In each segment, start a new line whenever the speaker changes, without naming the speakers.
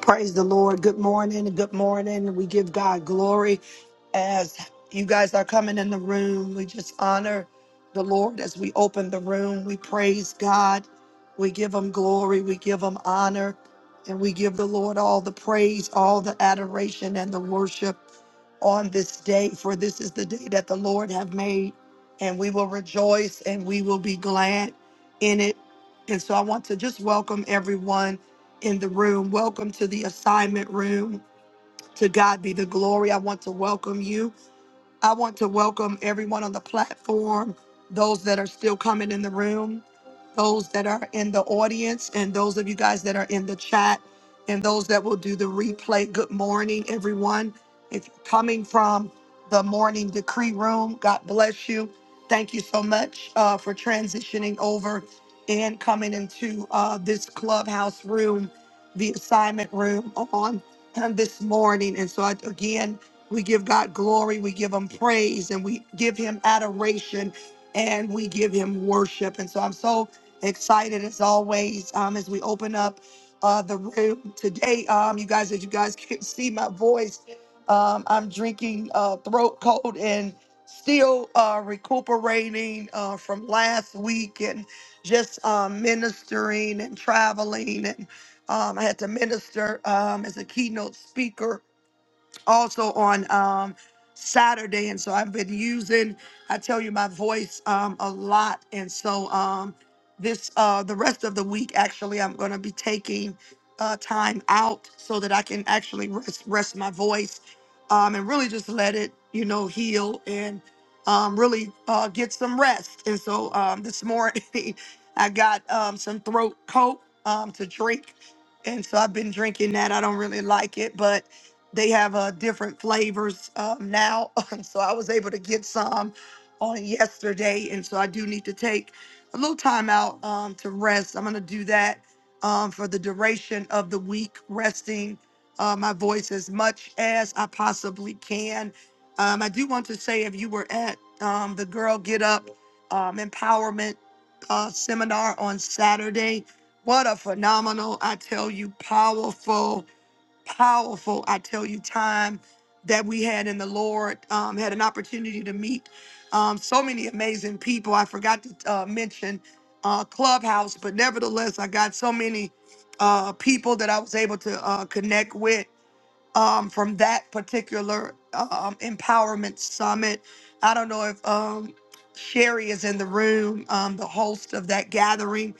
Praise the Lord. Good morning. Good morning. We give God glory as you guys are coming in the room. We just honor the Lord as we open the room. We praise God. We give him glory. We give him honor. And we give the Lord all the praise, all the adoration, and the worship on this day. For this is the day that the Lord have made. And we will rejoice and we will be glad in it. And so I want to just welcome everyone in the room. Welcome to the assignment room. To God be the glory. I want to welcome you. I want to welcome everyone on the platform, those that are still coming in the room, those that are in the audience, and those of you guys that are in the chat, and those that will do the replay. Good morning, everyone. If you're coming from the morning decree room, God bless you. Thank you so much uh, for transitioning over and coming into uh, this clubhouse room, the assignment room on this morning. And so, I, again, we give God glory, we give him praise, and we give him adoration and we give him worship. And so I'm so excited as always um, as we open up uh, the room today. Um, you guys, as you guys can see my voice, um, I'm drinking uh, throat cold and still uh, recuperating uh, from last week and just um, ministering and traveling. And um, I had to minister um, as a keynote speaker also on um, Saturday. And so I've been using, I tell you, my voice um, a lot. And so um, this, uh, the rest of the week, actually, I'm going to be taking uh, time out so that I can actually rest, rest my voice um, and really just let it, you know, heal and um, really uh, get some rest. And so um, this morning, I got um, some throat coat um, to drink. And so I've been drinking that. I don't really like it, but they have uh, different flavors um, now. And so I was able to get some on yesterday. And so I do need to take a little time out um, to rest. I'm going to do that um, for the duration of the week, resting uh, my voice as much as I possibly can. Um, I do want to say if you were at um, the Girl Get Up um, Empowerment uh, seminar on Saturday, what a phenomenal, I tell you, powerful powerful, I tell you, time that we had in the Lord. Um, had an opportunity to meet um, so many amazing people. I forgot to uh, mention uh, Clubhouse, but nevertheless, I got so many uh, people that I was able to uh, connect with um, from that particular um, empowerment summit. I don't know if um, Sherry is in the room, um, the host of that gathering.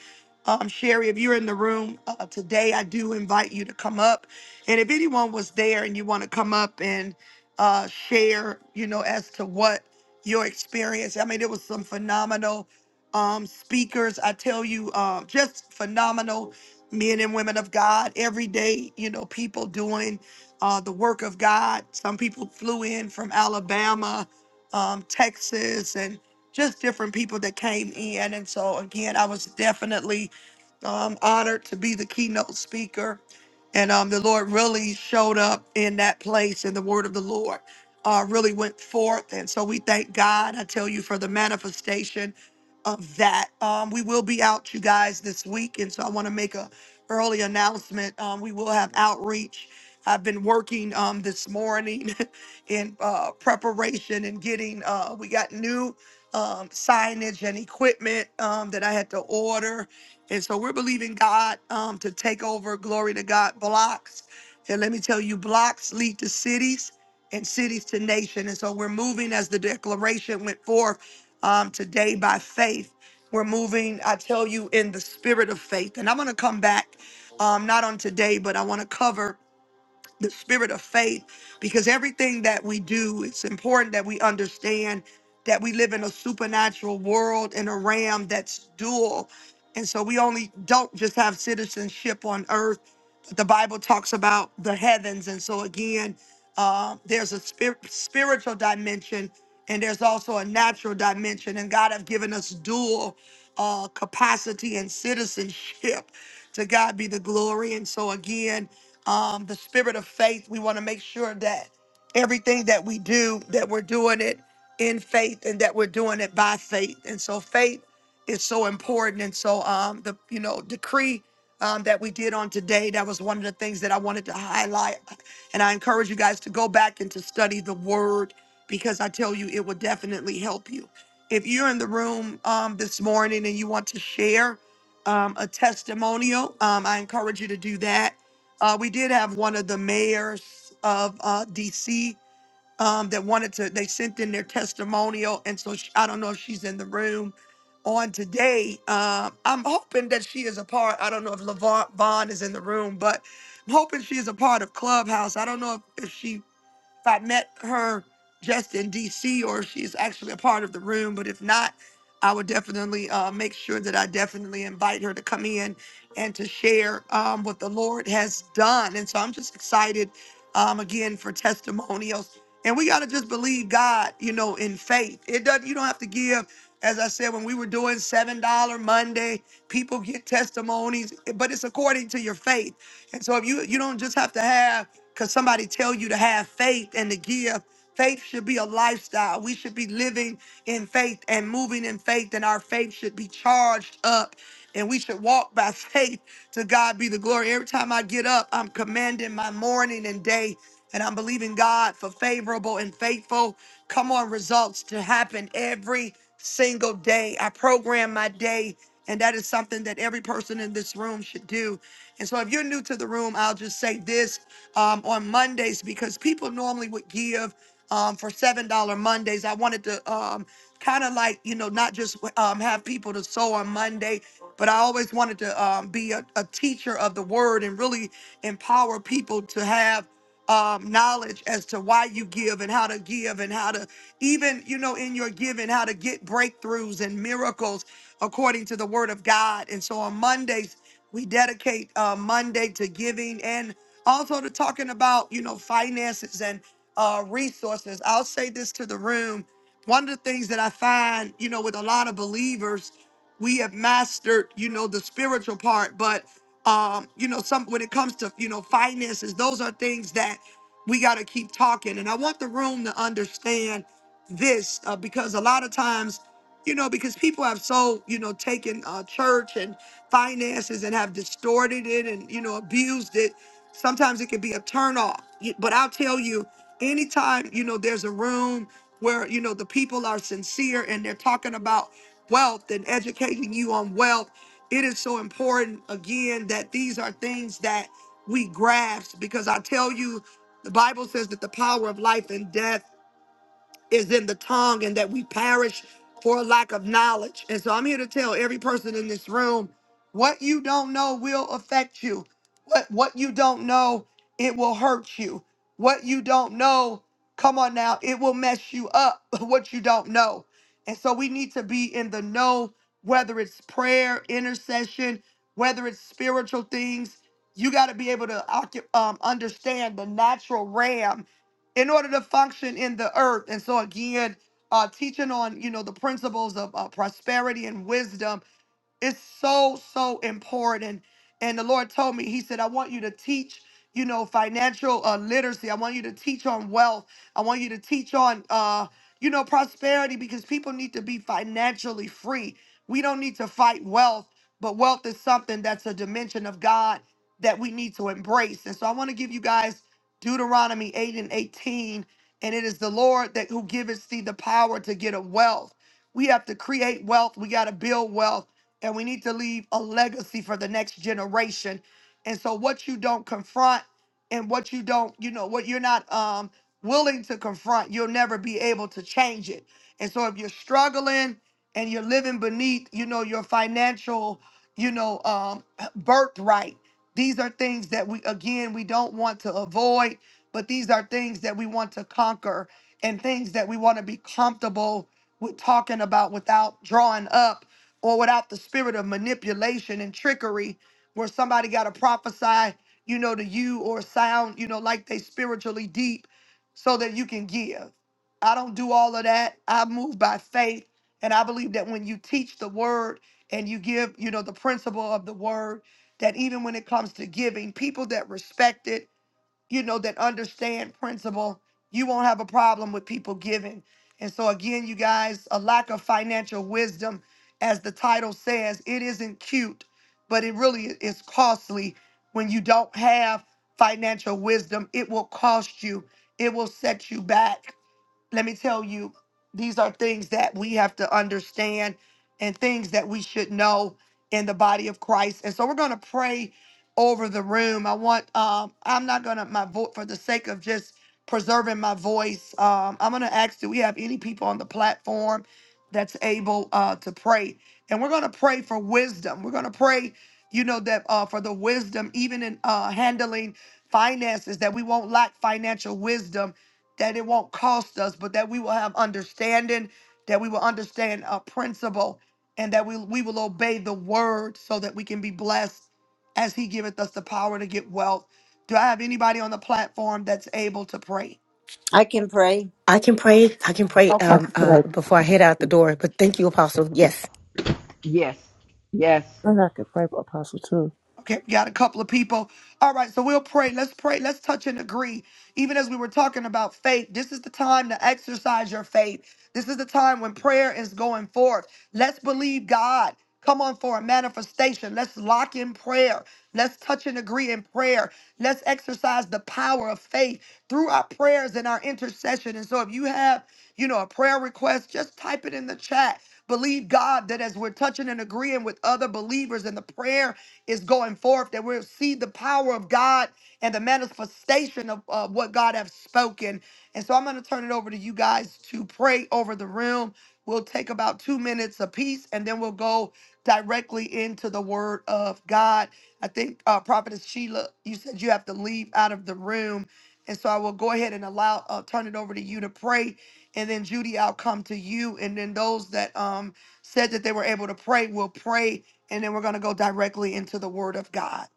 Um, Sherry, if you're in the room uh, today, I do invite you to come up. And if anyone was there and you want to come up and uh, share, you know, as to what your experience, I mean, it was some phenomenal um, speakers. I tell you, uh, just phenomenal men and women of God every day, you know, people doing uh, the work of God. Some people flew in from Alabama, um, Texas, and just different people that came in. And so, again, I was definitely um, honored to be the keynote speaker. And um, the Lord really showed up in that place, and the word of the Lord uh, really went forth. And so, we thank God, I tell you, for the manifestation of that. Um, we will be out, you guys, this week. And so, I want to make a early announcement. Um, we will have outreach I've been working um, this morning in uh, preparation and getting, uh, we got new um, signage and equipment um, that I had to order. And so we're believing God um, to take over, glory to God, blocks. And let me tell you, blocks lead to cities and cities to nation. And so we're moving as the declaration went forth um, today by faith. We're moving, I tell you, in the spirit of faith. And I'm going to come back, um, not on today, but I want to cover the spirit of faith because everything that we do, it's important that we understand that we live in a supernatural world in a realm that's dual. And so we only don't just have citizenship on earth. The Bible talks about the heavens. And so again, uh, there's a spir- spiritual dimension and there's also a natural dimension. And God have given us dual uh, capacity and citizenship. To God be the glory. And so again, um, the spirit of faith. We want to make sure that everything that we do, that we're doing it in faith and that we're doing it by faith. And so faith is so important. And so um, the you know decree um, that we did on today, that was one of the things that I wanted to highlight. And I encourage you guys to go back and to study the word because I tell you it will definitely help you. If you're in the room um, this morning and you want to share um, a testimonial, um, I encourage you to do that uh, we did have one of the mayors of uh, DC um, that wanted to, they sent in their testimonial. And so she, I don't know if she's in the room on today. Um, I'm hoping that she is a part. I don't know if LaVon Vaughn is in the room, but I'm hoping she is a part of Clubhouse. I don't know if, if she if I met her just in DC or if she's actually a part of the room. But if not, I would definitely uh, make sure that I definitely invite her to come in and to share um, what the Lord has done. And so I'm just excited um, again for testimonials. And we got to just believe God, you know, in faith. It doesn't, you don't have to give. As I said, when we were doing $7 Monday, people get testimonies, but it's according to your faith. And so if you you don't just have to have because somebody tell you to have faith and to give. Faith should be a lifestyle. We should be living in faith and moving in faith, and our faith should be charged up. And we should walk by faith to God be the glory. Every time I get up, I'm commanding my morning and day, and I'm believing God for favorable and faithful. Come on, results to happen every single day. I program my day and that is something that every person in this room should do. And so, if you're new to the room, I'll just say this um, on Mondays because people normally would give um, for seven dollar Mondays. I wanted to um, kind of like you know not just um, have people to sow on Monday, but I always wanted to um, be a, a teacher of the word and really empower people to have um, knowledge as to why you give and how to give and how to even you know in your giving how to get breakthroughs and miracles according to the word of god and so on mondays we dedicate uh, monday to giving and also to talking about you know finances and uh, resources i'll say this to the room one of the things that i find you know with a lot of believers we have mastered you know the spiritual part but um you know some when it comes to you know finances those are things that we got to keep talking and i want the room to understand this uh, because a lot of times you know because people have so you know taken uh, church and finances and have distorted it and you know abused it sometimes it can be a turnoff Y- but i'll tell you anytime you know there's a room where you know the people are sincere and they're talking about wealth and educating you on wealth. It is so important, again, that these are things that we grasp because I tell you, the Bible says that the power of life and death is in the tongue and that we perish for lack of knowledge. And so I'm here to tell every person in this room what you don't know will affect you. What what you don't know, it will hurt you. What you don't know, come on now, it will mess you up what you don't know. And so we need to be in the know whether it's prayer, intercession, whether it's spiritual things, you got to be able to occu- um, understand the natural realm in order to function in the earth. And so again, uh, teaching on you know the principles of uh, prosperity and wisdom it's so, so important. And the Lord told me, He said, I want you to teach, you know, financial uh, literacy. I want you to teach on wealth. I want you to teach on, uh, you know, prosperity because people need to be financially free. We don't need to fight wealth, but wealth is something that's a dimension of God that we need to embrace. And so I want to give you guys Deuteronomy 8 and 18. And it is the Lord that who giveth thee the power to get a wealth. We have to create wealth. We got to build wealth and we need to leave a legacy for the next generation. And so what you don't confront and what you don't, you know, what you're not um willing to confront, you'll never be able to change it. And so if you're struggling and you're living beneath, you know, your financial, you know, um birthright, these are things that we again we don't want to avoid, but these are things that we want to conquer and things that we want to be comfortable with talking about without drawing up or without the spirit of manipulation and trickery, where somebody got to prophesy, you know, to you or sound, you know, like they spiritually deep so that you can give. I don't do all of that. I move by faith. And I believe that when you teach the word and you give, you know, the principle of the word, that even when it comes to giving, people that respect it you know, that understand principle, you won't have a problem with people giving. And so, again, you guys, a lack of financial wisdom, as the title says, it isn't cute, but it really is costly. When you don't have financial wisdom, it will cost you, it will set you back let me tell you, these are things that we have to understand and things that we should know in the body of Christ. And so we're going to pray over the room. I want, um, I'm not going to, my vote for the sake of just preserving my voice, um, I'm going to ask do we have any people on the platform that's able uh, to pray? And we're going to pray for wisdom. We're going to pray, you know, that uh, for the wisdom, even in uh, handling finances, that we won't lack financial wisdom that it won't cost us, but that we will have understanding, that we will understand a principle, and that we, we will obey the word so that we can be blessed as he giveth us the power to get wealth. Do I have anybody on the platform that's able to pray?
I can pray.
I can pray. I can pray
I
um,
could
uh,
pray.
before I head out the door. But thank you, Apostle. Yes.
Yes. Yes.
And I could pray for Apostle too.
Okay, we got a couple of people. All right, so we'll pray. Let's pray. Let's touch and agree. Even as we were talking about faith, this is the time to exercise your faith. This is the time when prayer is going forth. Let's believe God. Come on for a manifestation. Let's lock in prayer. Let's touch and agree in prayer. Let's exercise the power of faith through our prayers and our intercession. And so if you have, you know, a prayer request, just type it in the chat. Believe God that as we're touching and agreeing with other believers in the prayer is going forth, that we'll see the power of God and the manifestation of uh, what God has spoken. And so I'm going to turn it over to you guys to pray over the room. We'll take about two minutes apiece, and then we'll go directly into the Word of God. I think uh, Prophetess Sheila, you said you have to leave out of the room, and so I will go ahead and allow uh, turn it over to you to pray, and then Judy, I'll come to you, and then those that um said that they were able to pray, we'll pray, and then we're going to go directly into the Word of God.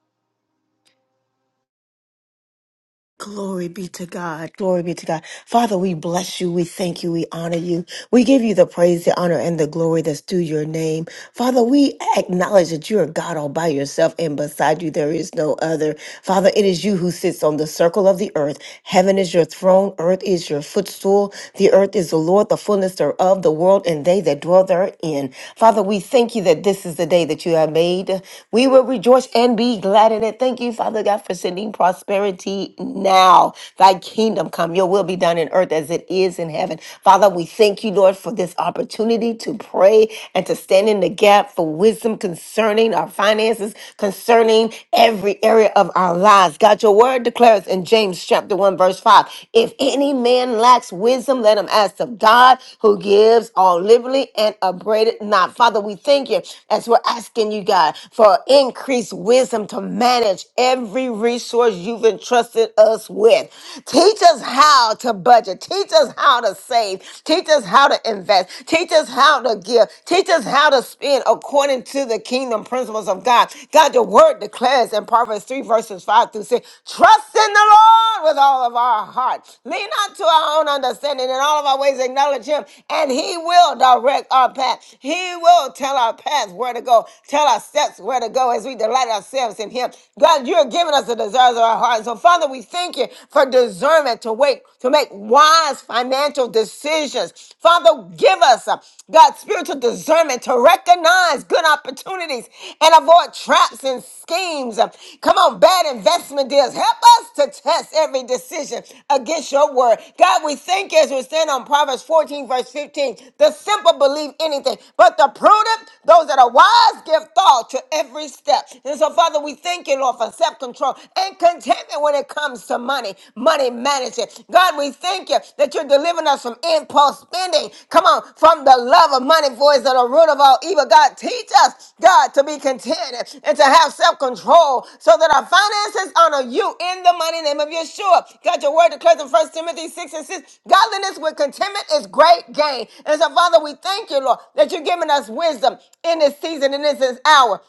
Glory be to God. Glory be to God. Father, we bless you. We thank you. We honor you. We give you the praise, the honor, and the glory that's due your name. Father, we acknowledge that you are God all by yourself, and beside you there is no other. Father, it is you who sits on the circle of the earth. Heaven is your throne, earth is your footstool. The earth is the Lord, the fullness thereof, the world, and they that dwell therein. Father, we thank you that this is the day that you have made. We will rejoice and be glad in it. Thank you, Father God, for sending prosperity prosperity now. Thy kingdom come, your will be done in earth as it is in heaven. Father, we thank you, Lord, for this opportunity to pray and to stand in the gap for wisdom concerning our finances, concerning every area of our lives. God, your word declares in James chapter 1, verse 5 if any man lacks wisdom, let him ask of God who gives all liberally and upbraided not. Father, we thank you as we're asking you, God, for increased wisdom to manage every every resource you've entrusted us with. Teach us how to budget. Teach us how to save. Teach us how to invest. Teach us how to give. Teach us how to spend according to the kingdom principles of God. God, your word declares in Proverbs 3, verses 5 through 6 trust in the Lord with all of our heart. Lean not to our own understanding. In all of our ways, acknowledge Him, and He will direct our path. He will tell our paths where to go, tell our steps where to go as we delight ourselves in Him. Him. God, you're giving us the desires of our heart. And so, Father, we thank you for discernment to wait, to make wise financial decisions. Father, give us, uh, God, spiritual discernment to recognize good opportunities and avoid traps and schemes. Uh, Come on, bad investment deals. Help us to test every decision against your word. God, we thank you as we stand on Proverbs 14, verse 15. The simple believe anything, but the prudent, those that are wise, give thought to every step. And so, Father, we thank you, Lord, for self control and contentment when it comes to money, money management. God, we thank you that you're delivering us from impulse spending. Come on, from the love of money, for is the root of all evil. God, teach us, God, to be content and to have self control so that our finances honor you in the mighty name of Yeshua. God, your word declares in First Timothy 6 and 6 godliness with contentment is great gain. And so, Father, we thank you, Lord, that you're giving us wisdom in this season, in this hour.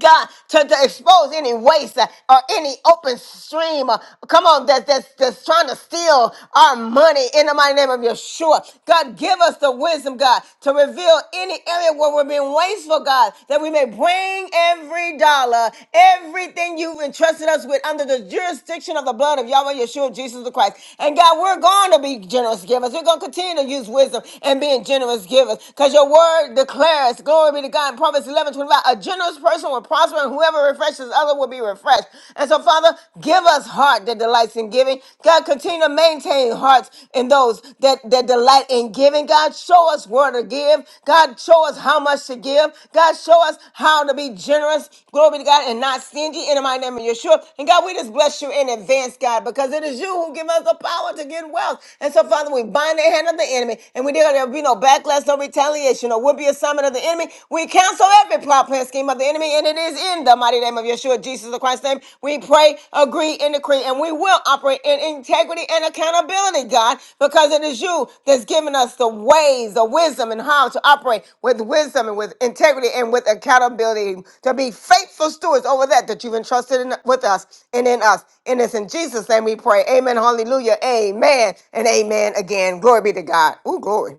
God, to, to expose any waste uh, or any open stream. uh, come on, that, that's, that's trying to steal our money in the mighty name of Yeshua. God, give us the wisdom, God, to reveal any area where we're being wasteful, God, that we may bring every dollar, everything you've entrusted us with under the jurisdiction of the blood of Yahweh Yeshua, Jesus the Christ. And God, we're going to be generous givers. We're going to continue to use wisdom and being generous givers because your word declares, glory be to God, Proverbs 11 25: A generous person will prosper, and whoever refreshes other will be refreshed. And so, Father, give us heart that delights in giving. God, continue to maintain hearts in those that, that delight in giving. God, show us where to give. God, show us how much to give. God, show us how to be generous. Glory to God and not stingy. In my name of Yeshua. And God, we just bless you in advance, God, because it is you who give us the power to get wealth. And so, Father, we bind the hand of the enemy and we declare there will be no backlash, no retaliation opposition or would be assignment of the enemy. We cancel every plot, plan, scheme of the enemy, and it is in the mighty name of Yeshua, Jesus the Christ's name. We pray, agree, and decree, and we will operate in integrity and accountability, God, because it is you that's given us the ways, the wisdom, and how to operate with wisdom and with integrity and with accountability to be faithful stewards over that that you've entrusted in, with us and in us. And it's in Jesus' name we pray. Amen. Hallelujah. Amen. And amen again. Glory be to God. Ooh, glory.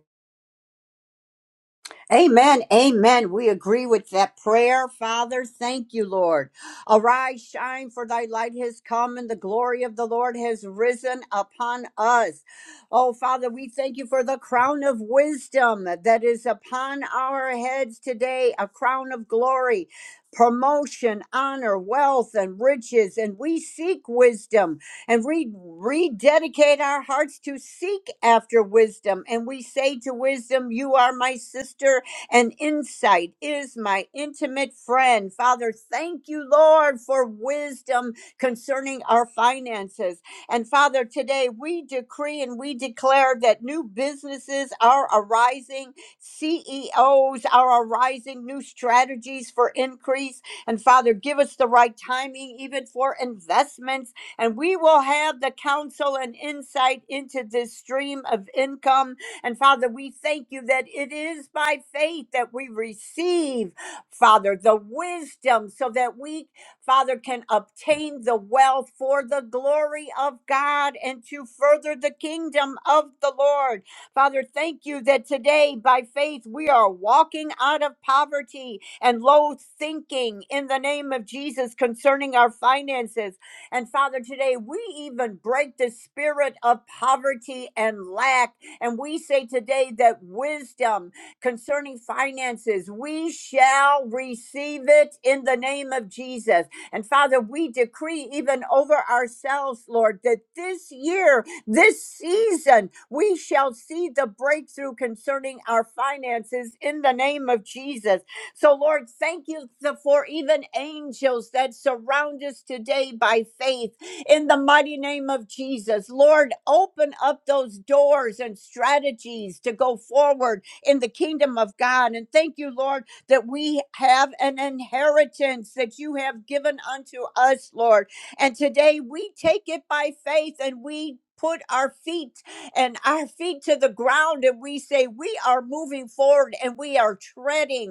Amen. Amen. We agree with that prayer. Father, thank you, Lord. Arise, shine, for thy light has come, and the glory of the Lord has risen upon us. Oh, Father, we thank you for the crown of wisdom that is upon our heads today, a crown of glory, promotion, honor, wealth, and riches. And we seek wisdom. and we rededicate our hearts to seek after wisdom. And we say to wisdom, You are my sister, and insight is my intimate friend. Father, thank you, Lord, for wisdom concerning our finances. And Father, today we decree and we declare that new businesses are arising, CEOs are arising, new strategies for increase. And Father, give us the right timing, even for investments and we will have the counsel and insight into this stream of income. And Father, we thank you that it is by faith that we receive, Father, the wisdom so that we, Father, can obtain the wealth for the glory of God and to further the kingdom of the Lord. Father, thank you that today by faith we are walking out of poverty and low thinking in the name of Jesus concerning our finances. And Father, today we even break the spirit of poverty and lack. And we say today that wisdom concerning finances, we shall receive it in the name of Jesus. And Father, we decree even over ourselves, Lord, that this year, this season, we shall see the breakthrough concerning our finances in the name of Jesus. So, Lord, thank you th- for even angels that surround us today by faith in the mighty name of Jesus. Lord, open up those doors and strategies to go forward in the kingdom of God. And thank you, Lord, that we have an inheritance that you have given unto us, Lord. And today we take it by faith and we put our feet and our feet to the ground and we say we are moving forward and we are treading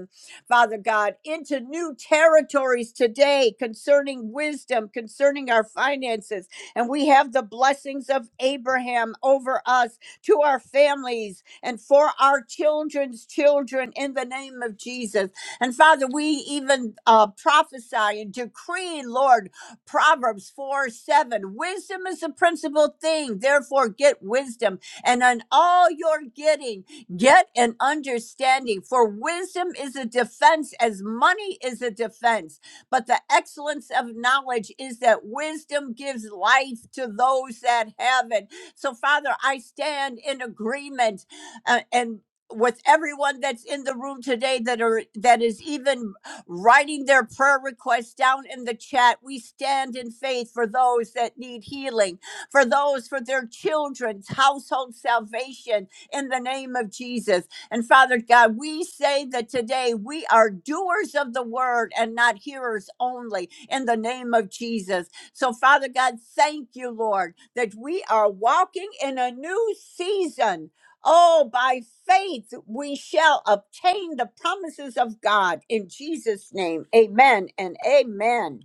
Father God, into new territories today concerning wisdom, concerning our finances. And we have the blessings of Abraham over us, to our families, and for our children's children in the name of Jesus. And Father, we even uh, prophesy and decree, Lord, Proverbs 4 7. Wisdom is the principal thing. Therefore, get wisdom. And on all you're getting, Get an understanding, for wisdom is a defense as money is a defense. But the excellence of knowledge is that wisdom gives life to those that have it. So, Father, I stand in agreement uh, and with everyone that's in the room today that are that is even writing their prayer requests down in the chat we stand in faith for those that need healing for those for their children's household salvation in the name of Jesus. And Father God, we say that today we are doers of the word and not hearers only in the name of Jesus. So, Father God, thank you, Lord, that we are walking in a new season. Oh, by faith we shall obtain the promises of God in Jesus' name. Amen and amen.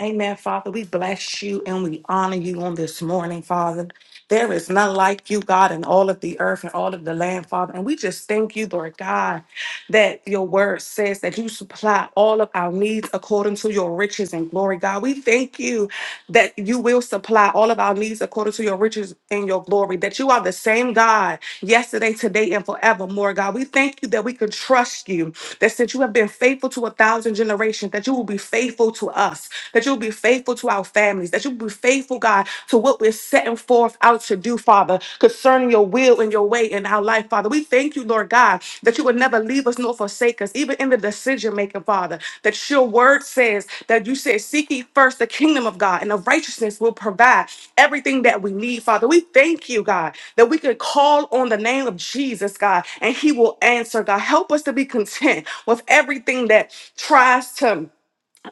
Amen, Father. We bless you and we honor you on this morning, Father. There is none like you, God, in all of the earth and all of the land, Father. And we just thank you, Lord God, that your word says that you supply all of our needs according to your riches and glory, God. We thank you that you will supply all of our needs according to your riches and your glory, that you are the same God yesterday, today, and forevermore, God. We thank you that we can trust you, that since you have been faithful to a thousand generations, that you will be faithful to us that you'll be faithful to our families, that you'll be faithful, God, to what we're setting forth out to do, Father, concerning your will and your way in our life, Father. We thank you, Lord God, that you would never leave us nor forsake us, even in the decision making, Father, that your word says that you said, Seek ye first the kingdom of God, and the righteousness will provide everything that we need, Father. We thank you, God, that we could call on the name of Jesus, God, and he will answer, God. Help us to be content with everything that tries to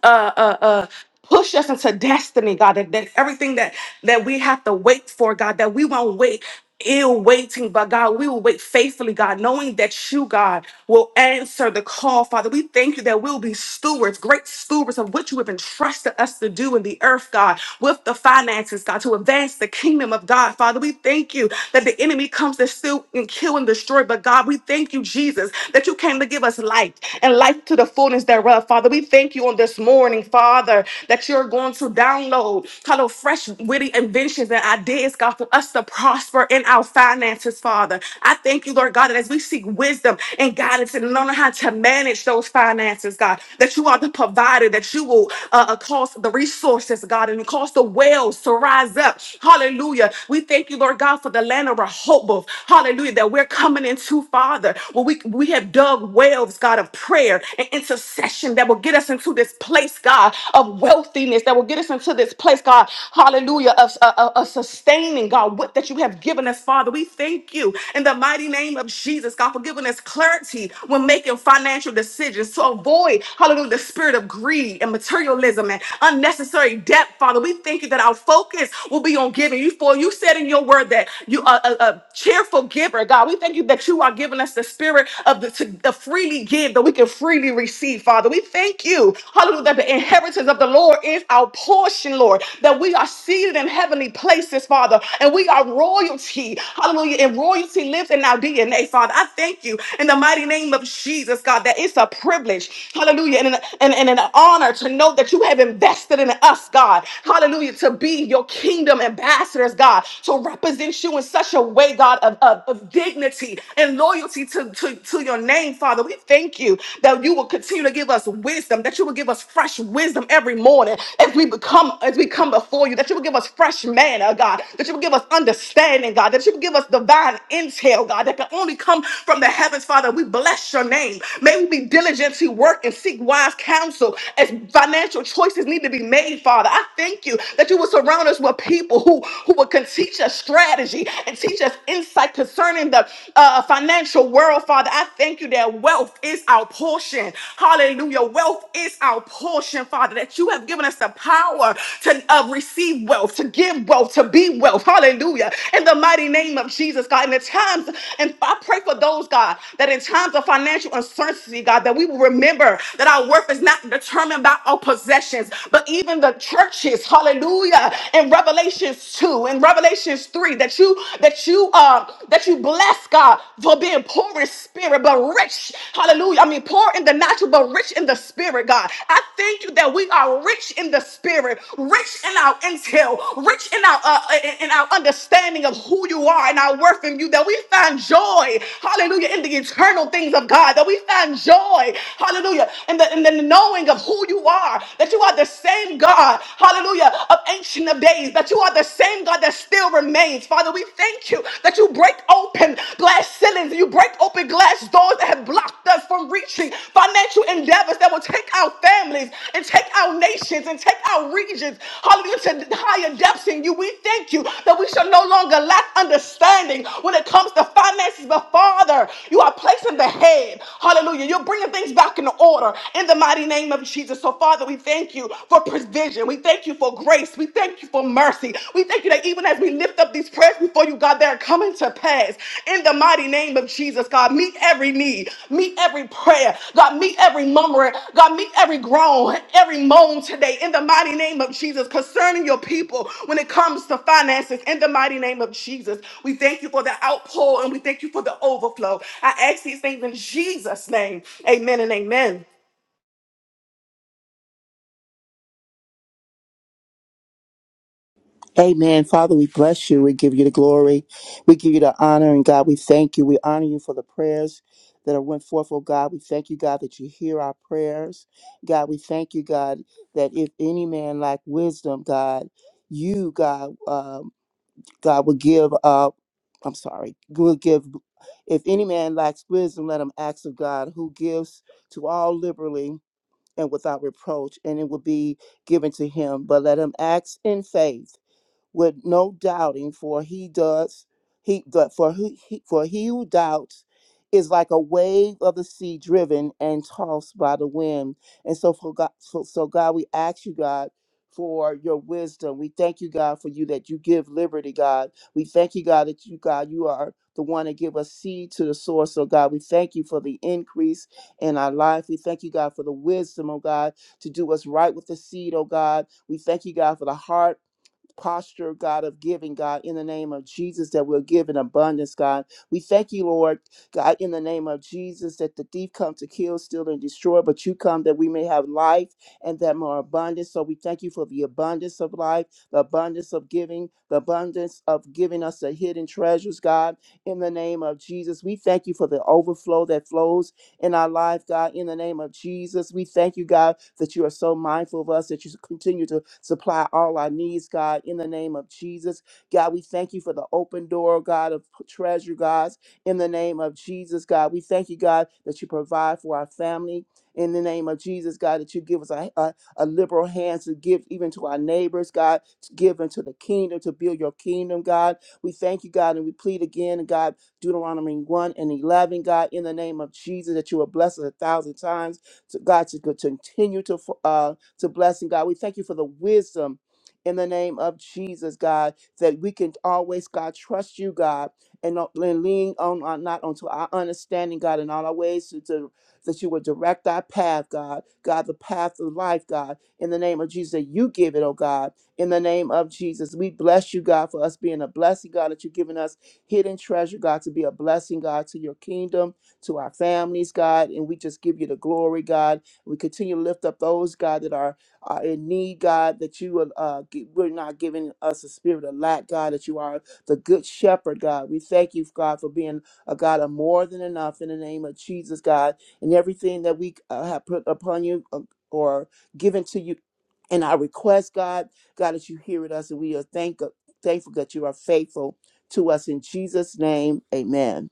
uh, uh, uh, push us into destiny, God. That, that everything that that we have to wait for, God, that we won't wait ill waiting, but God, we will wait faithfully, God, knowing that you, God, will answer the call, Father. We thank you that we'll be stewards, great stewards of what you have entrusted us to do in the earth, God, with the finances, God, to advance the kingdom of God, Father. We thank you that the enemy comes to steal and kill and destroy, but God, we thank you, Jesus, that you came to give us life and life to the full fullness thereof, Father. We thank you on this morning, Father, that you're going to download kind of fresh, witty inventions and ideas, God, for us to prosper in our finances, Father. I thank you, Lord God, that as we seek wisdom and guidance and learn how to manage those finances, God, that you are the provider, that you will uh, uh, cause the resources, God, and cause the wells to rise up. Hallelujah. We thank you, Lord God, for the land of our hope. Hallelujah. That we're coming into, Father, where we, we have dug wells, God, of prayer and intercession that will get us into this place, God, of wealthiness, that will get us into this place, God, hallelujah, of, of, of sustaining, God, what that you have given us, Father. We thank you in the mighty name of Jesus, God, for giving us clarity when making financial decisions to avoid, hallelujah, the spirit of greed and materialism and unnecessary debt, Father. We thank you that our focus will be on giving you, for you said in your word that you are a, a cheerful giver, God. We thank you that you are giving us the spirit of the to the freely give that we can freely receive, Father. We thank you, hallelujah, that the inheritance of the Lord is our portion, Lord, that we are seated in heavenly places, Father, and we are royalty, hallelujah, and royalty lives in our DNA, Father. I thank you in the mighty name of Jesus, God, that it's a privilege, hallelujah, and an, and, and an honor to know that you have invested in us, God, hallelujah, to be your kingdom ambassadors, God, to represent you in such a way, God. God, of, of, of dignity and loyalty to, to, to your name, Father. We thank you that you will continue to give us wisdom, that you will give us fresh wisdom every morning as we become as we come before you, that you will give us fresh manna, God, that you will give us understanding, God, that you will give us divine intel, God, that can only come from the heavens, Father. We bless your name. May we be diligent to work and seek wise counsel as financial choices need to be made, Father. I thank you that you will surround us with people who, who will continue us strategy and teach us insight concerning the uh, financial world, Father. I thank you that wealth is our portion. Hallelujah. Wealth is our portion, Father, that you have given us the power to uh, receive wealth, to give wealth, to be wealth. Hallelujah. In the mighty name of Jesus, God. In the times, and I pray for those, God, that in times of financial uncertainty, God, that we will remember that our worth is not determined by our possessions, but even the churches. Hallelujah in Revelations 2 and Revelations 3 that you that you um that you bless God for being poor in spirit but rich. Hallelujah. I mean poor in the natural but rich in the spirit, God. I thank you that we are rich in the spirit, rich in our intel, rich in our uh, in in our understanding of who you are and our worth in you that we find joy. Hallelujah in the eternal things of God. That we find joy. Hallelujah. In the in the knowing of who you are, that you are the same God hallelujah, of ancient of days, that you are the same God that still remains. Father, we thank you that you break open glass ceilings, you break open glass doors that have blocked us from reaching financial endeavors that will take our families and take our nations and take our regions, hallelujah, to higher depths in you. We thank you that we shall no longer lack understanding when it comes to finances, but Father, you are placing the head, hallelujah, you're bringing things back in order in the mighty name of Jesus. So, Father, Father, we thank you for provision. We thank you for grace. We thank you for mercy. We thank you that even as we lift up these prayers before you, God, they're coming to pass. In the mighty name of Jesus, God, meet every need, meet every prayer, God, meet every murmuring, God, meet every groan, every moan today. In the mighty name of Jesus, concerning your people when it comes to finances, in the mighty name of Jesus, we thank you for the outpour and we thank you for the overflow. I ask these things in Jesus' name. Amen and amen.
Amen. Father, we bless you. We give you the glory. We give you the honor. And God, we thank you. We honor you for the prayers that are went forth, oh God. We thank you, God, that you hear our prayers. God, we thank you, God, that if any man lack wisdom, God, you, God, um, God, will give up. I'm sorry, will give. If any man lacks wisdom, let him ask of God, who gives to all liberally and without reproach, and it will be given to him. But let him ask in faith with no doubting, for he does he but for who he, for he who doubts is like a wave of the sea driven and tossed by the wind. And so for God, so, so God, we ask you, God, for your wisdom. We thank you, God, for you that you give liberty, God. We thank you, God, that you, God, you are the one that give us seed to the source. So God, we thank you for the increase in our life. We thank you, God, for the wisdom, oh God, to do us right with the seed, oh God. We thank you, God, for the heart posture, God, of giving, God, in the name of Jesus, that we'll give in abundance, God. We thank you, Lord, God, in the name of Jesus, that the thief come to kill, steal, and destroy, but you come that we may have life and that more abundance. So we thank you for the abundance of life, the abundance of giving, the abundance of giving us the hidden treasures, God, in the name of Jesus. We thank you for the overflow that flows in our life, God, in the name of Jesus. We thank you, God, that you are so mindful of us, that you continue to supply all our needs, God, in the name of Jesus. God, we thank you for the open door, God, of treasure, God, in the name of Jesus, God. We thank you, God, that you provide for our family. In the name of Jesus, God, that you give us a, a, a liberal hand to give even to our neighbors, God, to give into the kingdom, to build your kingdom, God. We thank you, God, and we plead again, God, Deuteronomy 1 and 11, God, in the name of Jesus, that you will bless us a thousand times. To God, to continue to, uh, to bless and God, we thank you for the wisdom in the name of Jesus, God, that we can always, God, trust you, God, and not- and lean on, on not onto our understanding, God, in all our ways to, to that you would direct our path, God, God, the path of life, God, in the name of Jesus, that you give it, oh God, in the name of Jesus. We bless you, God, for us being a blessing, God, that you've given us hidden treasure, God, to be a blessing, God, to your kingdom, to our families, God. And we just give you the glory, God. We continue to lift up those, God, that are, are in need, God, that you will, uh, gi- we're not giving us a spirit of lack, God, that you are the good shepherd, God. We thank you, God, for being a God of more than enough in the name of Jesus, God. And everything that we uh, have put upon you uh, or given to you and I request, God, God, that you hear it us, and we are thank, thankful that you are faithful to us in Jesus' name. Amen.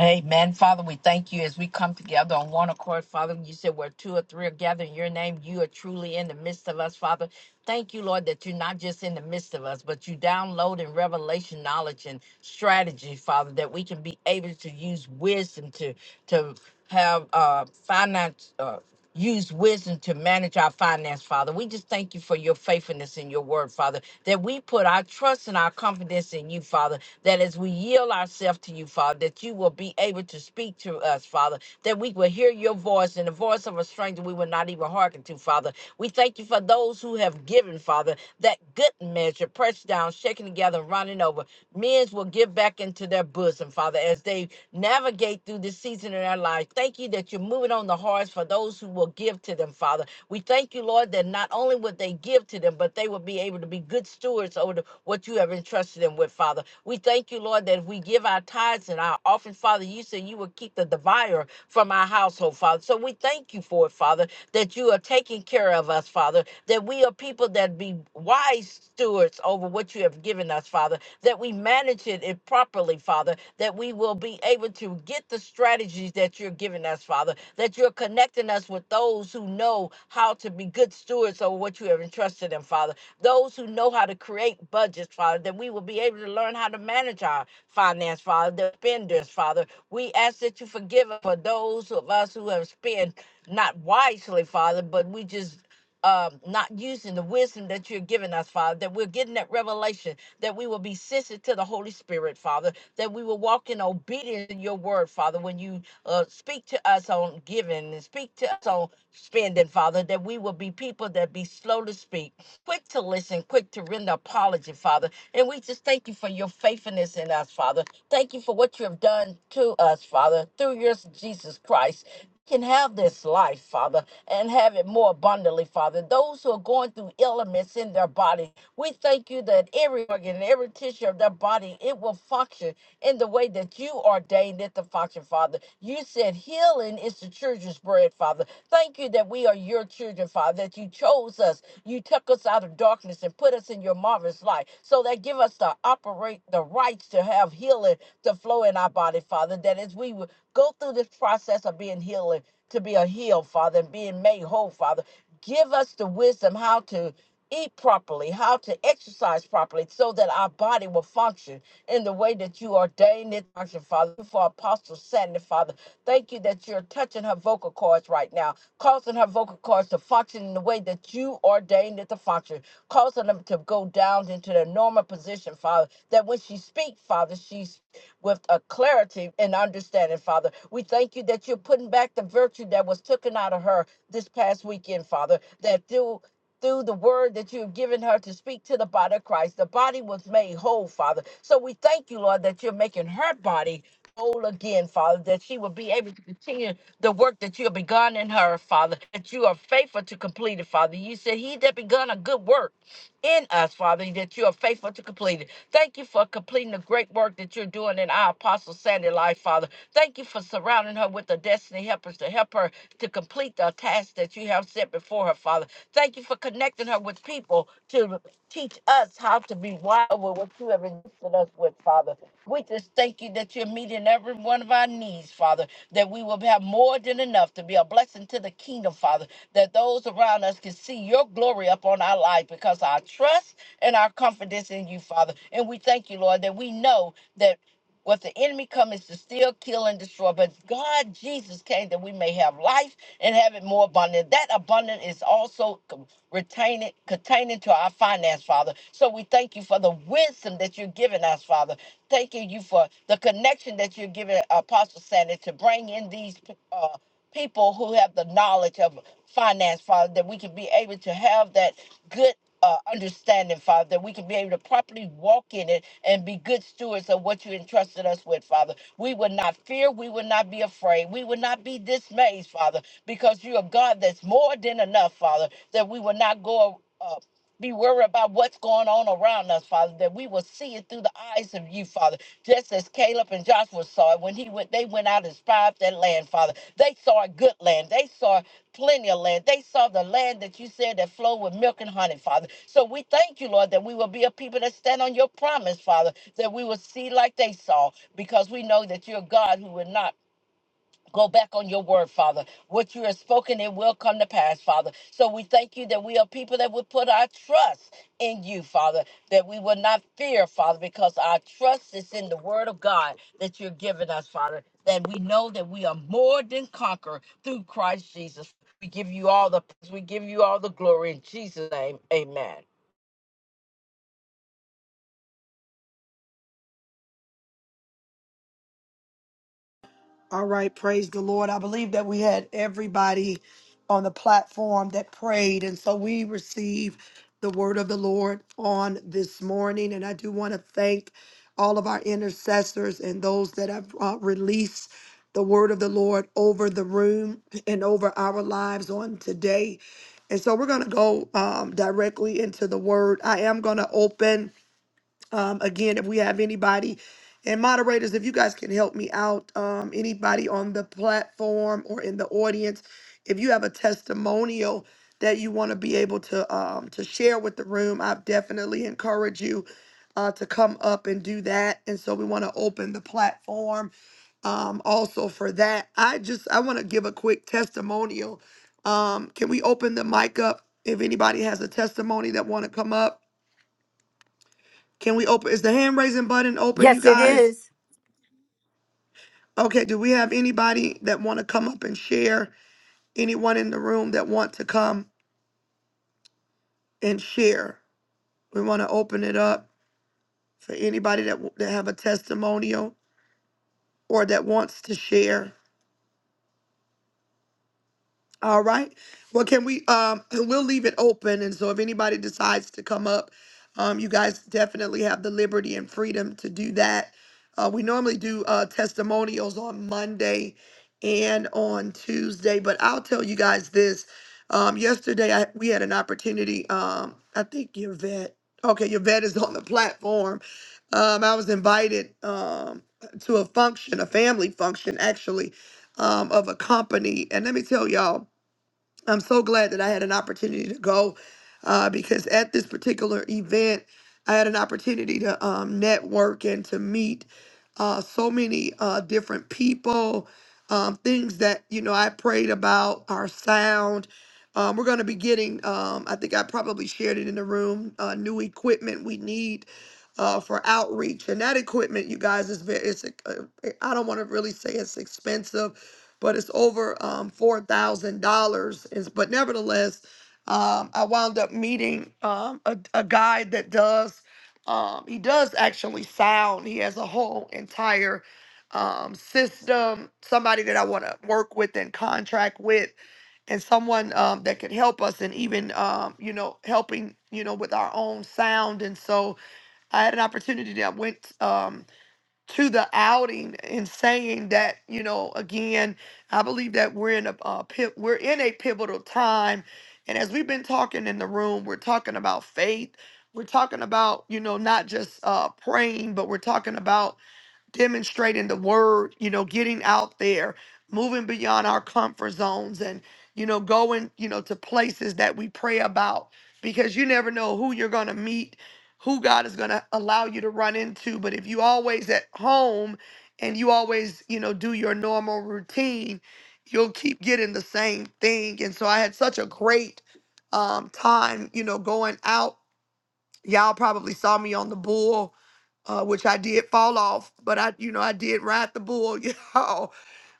Amen. Father, we thank you as we come together on one accord. Father, you said where two or three are gathered in your name, you are truly in the midst of us, Father. Thank you, Lord, that you're not just in the midst of us, but you download in revelation knowledge and strategy, Father, that we can be able to use wisdom to to have uh finance uh use wisdom to manage our finance, Father. We just thank you for your faithfulness in your word, Father, that we put our trust and our confidence in you, Father that as we yield ourselves to you, Father, that you will be able to speak to us, Father, that we will hear your voice and the voice of a stranger we will not even hearken to, Father. We thank you for those who have given, Father, that good measure, pressed down, shaken together, and running over. Men will give back into their bosom, Father, as they navigate through this season in their life. Thank you that you're moving on the hearts for those who will give to them, Father we thank you, Lord, that not only would they give to them, but they would be able to be good stewards over the, what you have entrusted them with, Father. We thank you, Lord, that if we give our tithes and our offering, Father, you said you will keep the divider from our household, Father. So we thank you for it, Father, that you are taking care of us, Father, that we are people that be wise stewards over what you have given us, Father that we manage it it properly, Father, that we will be able to get the strategies that you're giving us, Father, that you're connecting us with those who know how to be good stewards over what you have entrusted them, Father, those who know how to create budgets, Father, that we will be able to learn how to manage our finance, Father, the spenders, Father. We ask that you forgive us for those of us who have spent not wisely, Father, but we just um, not using the wisdom that you're giving us, Father, that we're getting that revelation that we will be sensitive to the Holy Spirit, Father, that we will walk in obedience to your word, Father, when you uh, speak to us on giving and speak to us on spending, Father, that we will be people that be slow to speak quick to listen, quick to render apology, Father. And we just thank you for your faithfulness in us, Father. Thank you for what you have done to us, Father, through your Son, Jesus Christ. We Can have this life, Father, and have it more abundantly, Father. Those who are going through ailments in their body, we thank you that every organ, every tissue of their body body, it will function in the way that you ordained it to function, Father. You said healing is the children's bread, Father. Thank you that we are your children, Father, that you chose us. You took us out of darkness and put us in your marvelous light. So that give us the operate the rights to have healing to flow in our body, Father. That as we would go through this process of being healing, to be a healed, Father, and being made whole, Father. Give us the wisdom how to eat properly, how to exercise properly, so that our body will function in the way that you ordained it to function, Father. Thank you For Apostle Sandy, Father, thank you that you're touching her vocal cords right now, causing her vocal cords to function in the way that you ordained it to function, causing them to go down into their normal position, Father, that when she speaks, Father, she's with a clarity and understanding, Father. We thank you that you're putting back the virtue that was taken out of her this past weekend, Father, that through through the word that you've given her to speak to the body of Christ. The body was made whole, Father. So we thank you, Lord, that you're making her body whole again, Father, that she will be able to continue the work that you have begun in her, Father, that you are faithful to complete it, Father. You said, He that begun a good work in us, Father, that you are faithful to complete it. Thank you for completing the great work that you're doing in our Apostle Sandy life, Father. Thank you for surrounding her with the destiny helpers to help her to complete the task that you have set before her, Father. Thank you for connecting her with people to teach us how to be wise with what you have entrusted us with, Father. We just thank you that you're meeting every one of our needs, Father, that we will have more than enough to be a blessing to the kingdom, Father, that those around us can see your glory upon our life because our trust and our confidence in you, Father. And we thank you, Lord, that we know that what the enemy comes to steal, kill, and destroy. But God, Jesus came that we may have life and have it more abundant. That abundant is also co- retaining, containing to our finance, Father. So we thank you for the wisdom that you're giving us, Father. Thanking you for the connection that you're giving Apostle Sandy to bring in these uh, people who have the knowledge of finance, Father, that we can be able to have that good uh, understanding, Father, that we can be able to properly walk in it and be good stewards of what you entrusted us with, Father. We would not fear, we would not be afraid, we would not be dismayed, Father, because you are God that's more than enough, Father, that we will not go uh, be worried about what's going on around us, Father, that we will see it through the eyes of you, Father. Just as Caleb and Joshua saw it when he went, they went out and spied that land, Father. They saw a good land. They saw plenty of land. They saw the land that you said that flowed with milk and honey, Father. So we thank you, Lord, that we will be a people that stand on your promise, Father, that we will see like they saw, because we know that you're God who will not Go back on your word, Father. What you have spoken, it will come to pass, Father. So we thank you that we are people that would put our trust in you, Father, that we will not fear, Father, because our trust is in the word of God that you're giving us, Father, that we know that we are more than conqueror through Christ Jesus. We give you all the praise. We give you all the glory in Jesus' name. Amen.
All right, praise the Lord. I believe that we had everybody on the platform that prayed, and so we receive the Word of the Lord on this morning. And I do want to thank all of our intercessors and those that have uh, released the Word of the Lord over the room and over our lives on today. And so we're going to go um, directly into the Word. I am going to open. Um, again, if we have anybody and moderators, if you guys can help me out, um, anybody on the platform or in the audience, if you have a testimonial that you want to be able to um, to share with the room, i definitely encourage you uh, to come up and do that. And so we want to open the platform um, also for that. I just I want to give a quick testimonial. Um, can we open the mic up if anybody has a testimony that want to come up? Can we open? Is the hand raising button open, you
Yes, it
guys?
is.
Okay, do we have anybody that want to come up and share? Anyone in the room that want to come and share? We want to open it up for anybody that, w- that have a testimonial or that wants to share. All right. Well, can we? Um, we'll leave it open, and so if anybody decides to come up, um, you guys definitely have the liberty and freedom to do that. Uh, we normally do uh, testimonials on Monday and on Tuesday, but I'll tell you guys this. Um, yesterday, I, we had an opportunity. Um, I think your vet. Okay, your vet is on the platform. Um, I was invited um, to a function, a family function, actually, um, of a company, and let me tell y'all. I'm so glad that I had an opportunity to go uh, because at this particular event, I had an opportunity to um, network and to meet uh, so many uh, different people, um, things that, you know, I prayed about, our sound. Um, we're going to be getting, um, I think I probably shared it in the room, uh, new equipment we need uh, for outreach. And that equipment, you guys, is very, it's, uh, I don't want to really say it's expensive, but it's over um, $4,000. It's- But nevertheless, um, I wound up meeting um, a, a guy that does, um, he does actually sound. He has a whole entire um, system, somebody that I want to work with and contract with and someone um, that could help us and even um, you know helping you know with our own sound and so I had an opportunity that went um, to the outing and saying that you know again I believe that we're in a uh, pi- we're in a pivotal time, and as we've been talking in the room, we're talking about faith. We're talking about you know not just uh, praying, but we're talking about demonstrating the word, you know, getting out there, moving beyond our comfort zones and, you know, going, you know, to places that we pray about because you never know who you're going to meet, who God is going to allow you to run into. But if you always at home and you always, you know, do your normal routine, you'll keep getting the same thing. And so I had such a great um, time, you know, going out Y'all probably saw me on the bull, uh, which I did fall off, but I, you know, I did ride the bull, you know.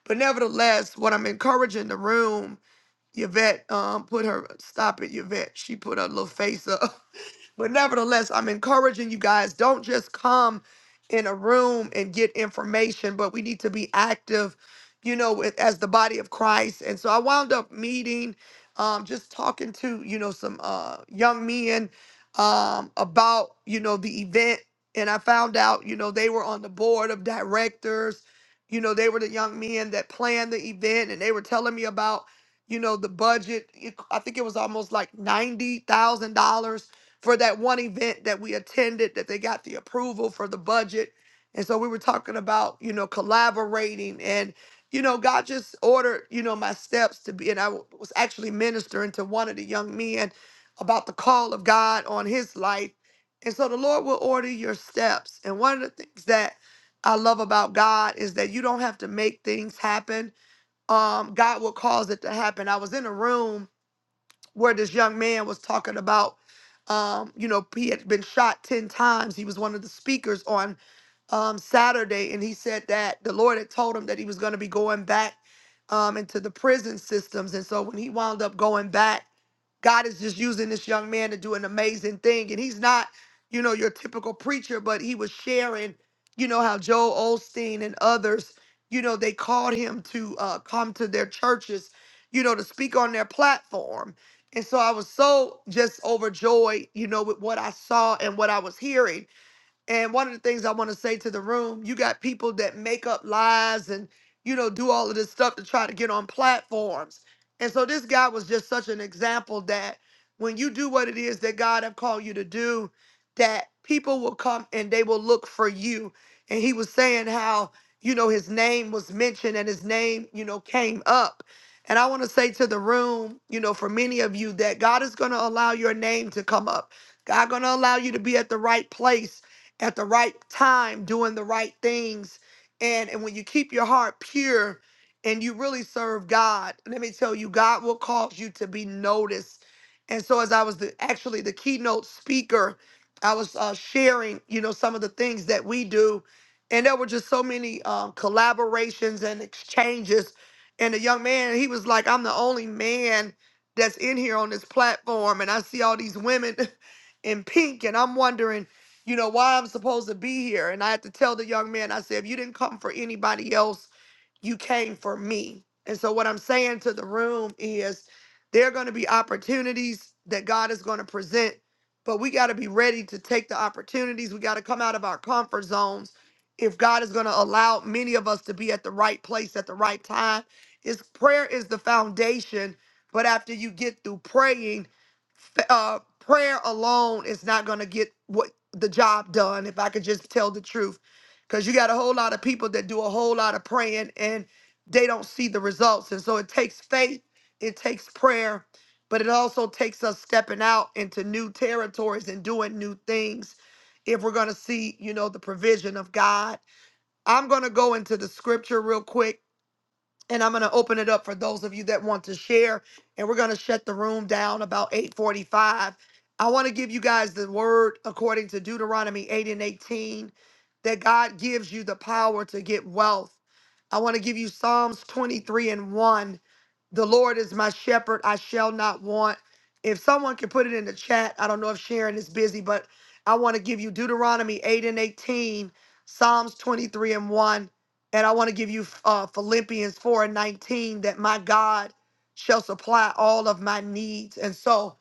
But nevertheless, what I'm encouraging the room, Yvette um, put her, stop it, Yvette. She put her little face up. But nevertheless, I'm encouraging you guys don't just come in a room and get information, but we need to be active, you know, with- as the body of Christ. And so I wound up meeting, um, just talking to, you know, some uh, young men um, about, you know, the event. And I found out, you know, they were on the board of directors. You know, they were the young men that planned the event and they were telling me about you know the budget it- i think it was almost like $90000 for that one event that we attended that they got the approval for the budget and so we were talking about you know collaborating and you know god just ordered you know my steps to be and i w- was actually ministering to one of the young men about the call of god on his life and so the lord will order your steps and one of the things that i love about god is that you don't have to make things happen um god will cause it to happen i was in a room where this young man was talking about um you know he had been shot 10 times he was one of the speakers on um saturday and he said that the lord had told him that he was going to be going back um into the prison systems and so when he wound up going back God is just using this young man to do an amazing thing. And he's not, you know, your typical preacher, but he was sharing, you know, how Joel Osteen and others, you know, they called him to uh, come to their churches, you know, to speak on their platform. And so I was so just overjoyed, you know, with what I saw and what I was hearing and one of the things I want to say to the room, you got people that make up lies and you know do all of this stuff to try to get on platforms. And so this guy was just such an example that when you do what it is that God have called you to do, that people will come and they will look for you. And he was saying how you know his name was mentioned and his name you know came up. And I want to say to the room, you know, for many of you that God is going to allow your name to come up. God going to allow you to be at the right place at the right time, doing the right things. And, and when you keep your heart pure and you really serve God, let me tell you, God will cause you to be noticed. And so, as I was the, actually the keynote speaker, I was uh, sharing, you know, some of the things that we do. And there were just so many um, collaborations and exchanges. And the young man, he was like, I'm the only man that's in here on this platform. And I see all these women in pink. And I'm wondering, you know, why I'm supposed to be here. And I had to tell the young man, I said, if you didn't come for anybody else, you came for me. And so, what I'm saying to the room is there are going to be opportunities that God is going to present, but we got to be ready to take the opportunities. We got to come out of our comfort zones. If God is going to allow many of us to be at the right place at the right time, His prayer is the foundation. But after you get through praying, f- uh, prayer alone is not going to get what the job done. If I could just tell the truth because you got a whole lot of people that do a whole lot of praying and they don't see the results. And so it takes faith, it takes prayer, but it also takes us stepping out into new territories and doing new things if we're going to see, you know, the provision of God. I'm going to go into the scripture real quick and I'm going to open it up for those of you that want to share. And we're going to shut the room down about 8:45. I want to give you guys the word according to Deuteronomy 8 and 18 that God gives you the power to get wealth I want to give you Psalms 23 and 1. The Lord is my shepherd, I shall not want. If someone can put it in the chat, I don't know if Sharon is busy, but I want to give you Deuteronomy 8 and 18, Psalms 23 and 1. And I want to give you uh, Philippians 4 and 19 that my God shall supply all of my needs. And so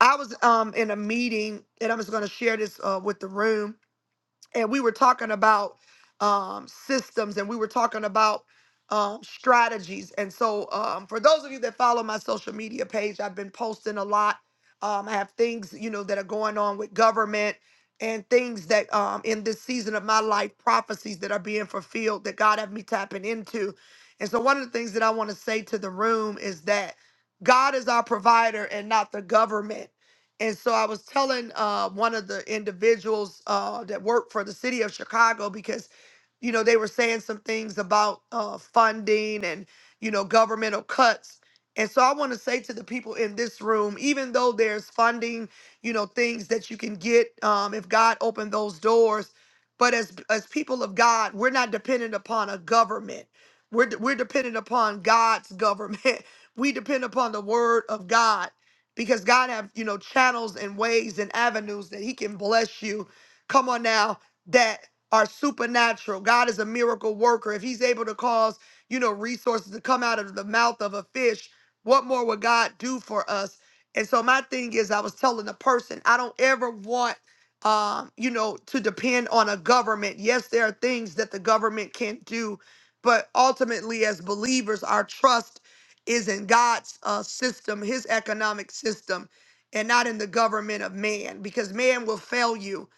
I was um, in a meeting, and I'm just going to share this uh, with the room and we were talking about um, systems and we were talking about um, strategies. And so, um, for those of you that follow my social media page, I've been posting a lot. Um, I have things, you know, that are going on with government and things that um, in this season of my life, prophecies that are being fulfilled that God have me tapping into. And so, one of the things that I want to say to the room is that God is our provider and not the government. And so I was telling uh, one of the individuals uh, that worked for the city of Chicago because, you know, they were saying some things about uh, funding and, you know, governmental cuts. And so I want to say to the people in this room, even though there's funding, you know, things that you can get um, if God opened those doors, but as as people of God, we're not dependent upon a government. We're we're dependent upon God's government. We depend upon the Word of God because God have you know channels and ways and avenues that He can bless you. Come on now, that are supernatural. God is a miracle worker. If He's able to cause you know resources to come out of the mouth of a fish, what more would God do for us? And so my thing is, I was telling the person, I don't ever want um you know to depend on a government. Yes, there are things that the government can do, but ultimately as believers, our trust is in God's uh, system, his economic system, and not in the government of man, because man will fail you.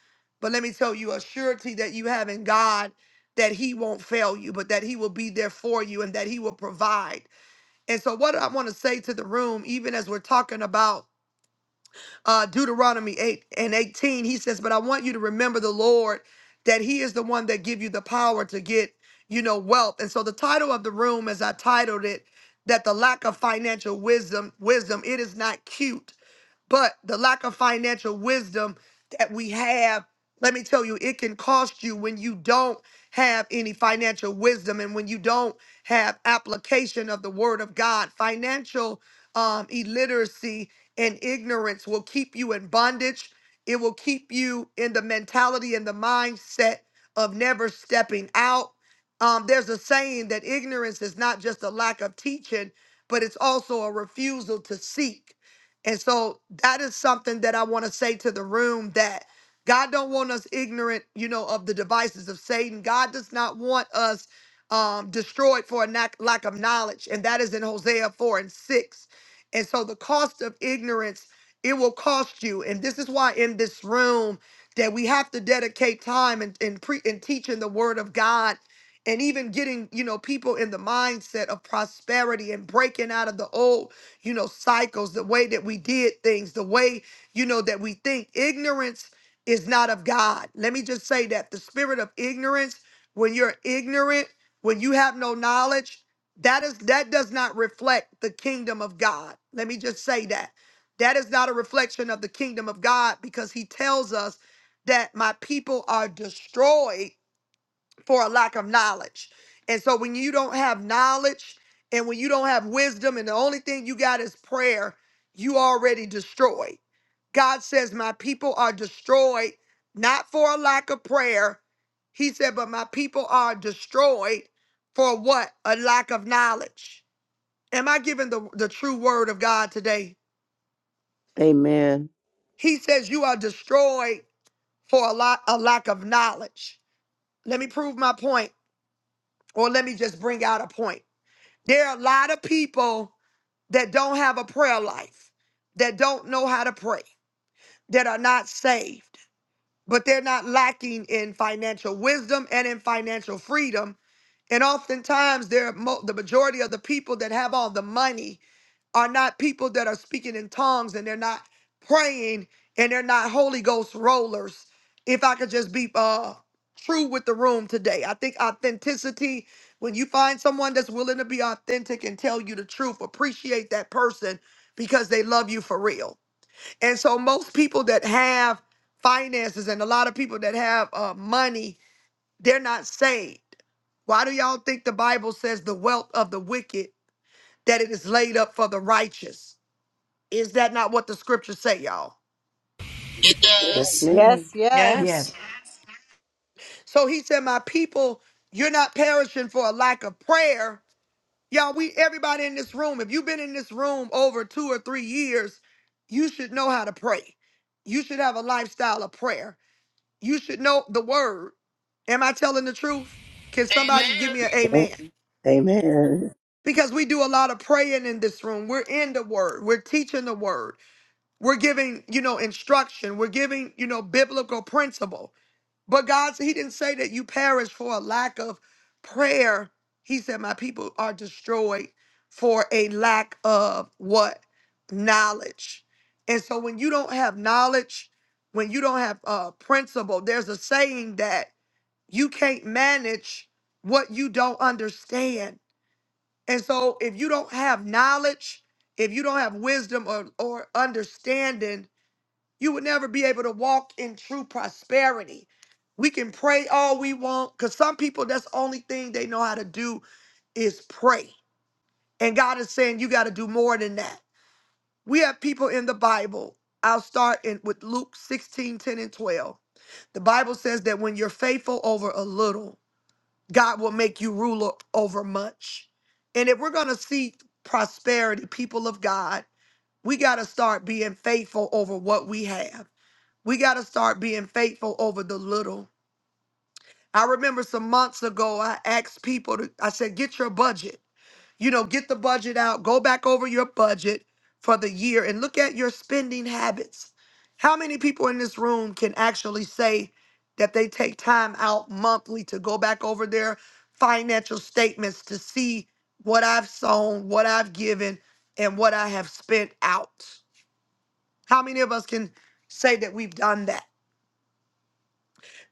But let me tell you a surety that you have in God that he won't fail you, but that he will be there for you and that he will provide. And so, what I want to say to the room, even as we're talking about uh, Deuteronomy 8 and 18, he says, But I want you to remember the Lord, that he is the one that give you the power to get, you know, wealth. And so the title of the room, as I titled it, that the lack of financial wisdom, wisdom, it is not cute but the lack of financial wisdom that we have, let me tell you, it can cost you when you don't have any financial wisdom and when you don't have application of the word of God. Financial um, illiteracy and ignorance will keep you in bondage. It will keep you in the mentality and the mindset of never stepping out. Um, there's a saying that ignorance is not just a lack of teaching, but it's also a refusal to seek. And so that is something that I want to say to the room that God don't want us ignorant, you know, of the devices of Satan. God does not want us um, destroyed for a lack lack of knowledge, and that is in Hosea four and six. And so the cost of ignorance it will cost you, and this is why in this room that we have to dedicate time and and pre and teaching the Word of God. And even getting, you know, people in the mindset of prosperity and breaking out of the old you know, cycles, the way that we did things, the way, you know, that we think. Ignorance is not of God. Let me just say that the spirit of ignorance, when you're ignorant, when you have no knowledge, that is that does not reflect the kingdom of God. Let me just say that. That is not a reflection of the kingdom of God because he tells us that my people are destroyed for a lack of knowledge. And so when you don't have knowledge and when you don't have wisdom and the only thing you got is prayer, you already destroyed. God says, My people are destroyed, not for a lack of prayer. He said, But my people are destroyed for what? A lack of knowledge. Am I giving the, the true word of God today?
Amen.
He says, You are destroyed for a, lot, a lack of knowledge. Let me prove my point, or let me just bring out a point. There are a lot of people that don't have a prayer life, that don't know how to pray, that are not saved, but they're not lacking in financial wisdom and in financial freedom. And oftentimes, they're mo- the majority of the people that have all the money are not people that are speaking in tongues and they're not praying and they're not Holy Ghost rollers. If I could just be uh true with the room today. I think authenticity, when you find someone that's willing to be authentic and tell you the truth, appreciate that person because they love you for real. And so most people that have finances and a lot of people that have uh, money, they're not saved. Why do y'all think the Bible says the wealth of the wicked that it is laid up for the righteous? Is that not what the scriptures say, y'all?
It
Yes,
does.
Yes,
ma'am.
yes.
Yes.
So he said, My people, you're not perishing for a lack of prayer. Y'all, we everybody in this room, if you've been in this room over two or three years, you should know how to pray. You should have a lifestyle of prayer. You should know the word. Am I telling the truth? Can
Amen.
somebody give me an amen?
Amen.
Because we do a lot of praying in this room. We're in the word. We're teaching the word. We're giving, you know, instruction. We're giving, you know, biblical principle. But God, said, He didn't say that you perish for a lack of prayer. He said, My people are destroyed for a lack of what? Knowledge. And so when you don't have knowledge, when you don't have uh, principle, there's a saying that you can't manage what you don't understand. And so if you don't have knowledge, if you don't have wisdom or, or understanding, you would never be able to walk in true prosperity. We can pray all we want because some people, that's the only thing they know how to do is pray. And God is saying you got to do more than that. We have people in the Bible. I'll start in, with Luke 16 10 and 12. The Bible says that when you're faithful over a little, God will make you ruler over much. And if we're going to see prosperity, people of God, we got to start being faithful over what we have. We got to start being faithful over the little. I remember some months ago, I asked people to, I said, get your budget. You know, get the budget out, go back over your budget for the year and look at your spending habits. How many people in this room can actually say that they take time out monthly to go back over their financial statements to see what I've sown, what I've given, and what I have spent out? How many of us can say that we've done that?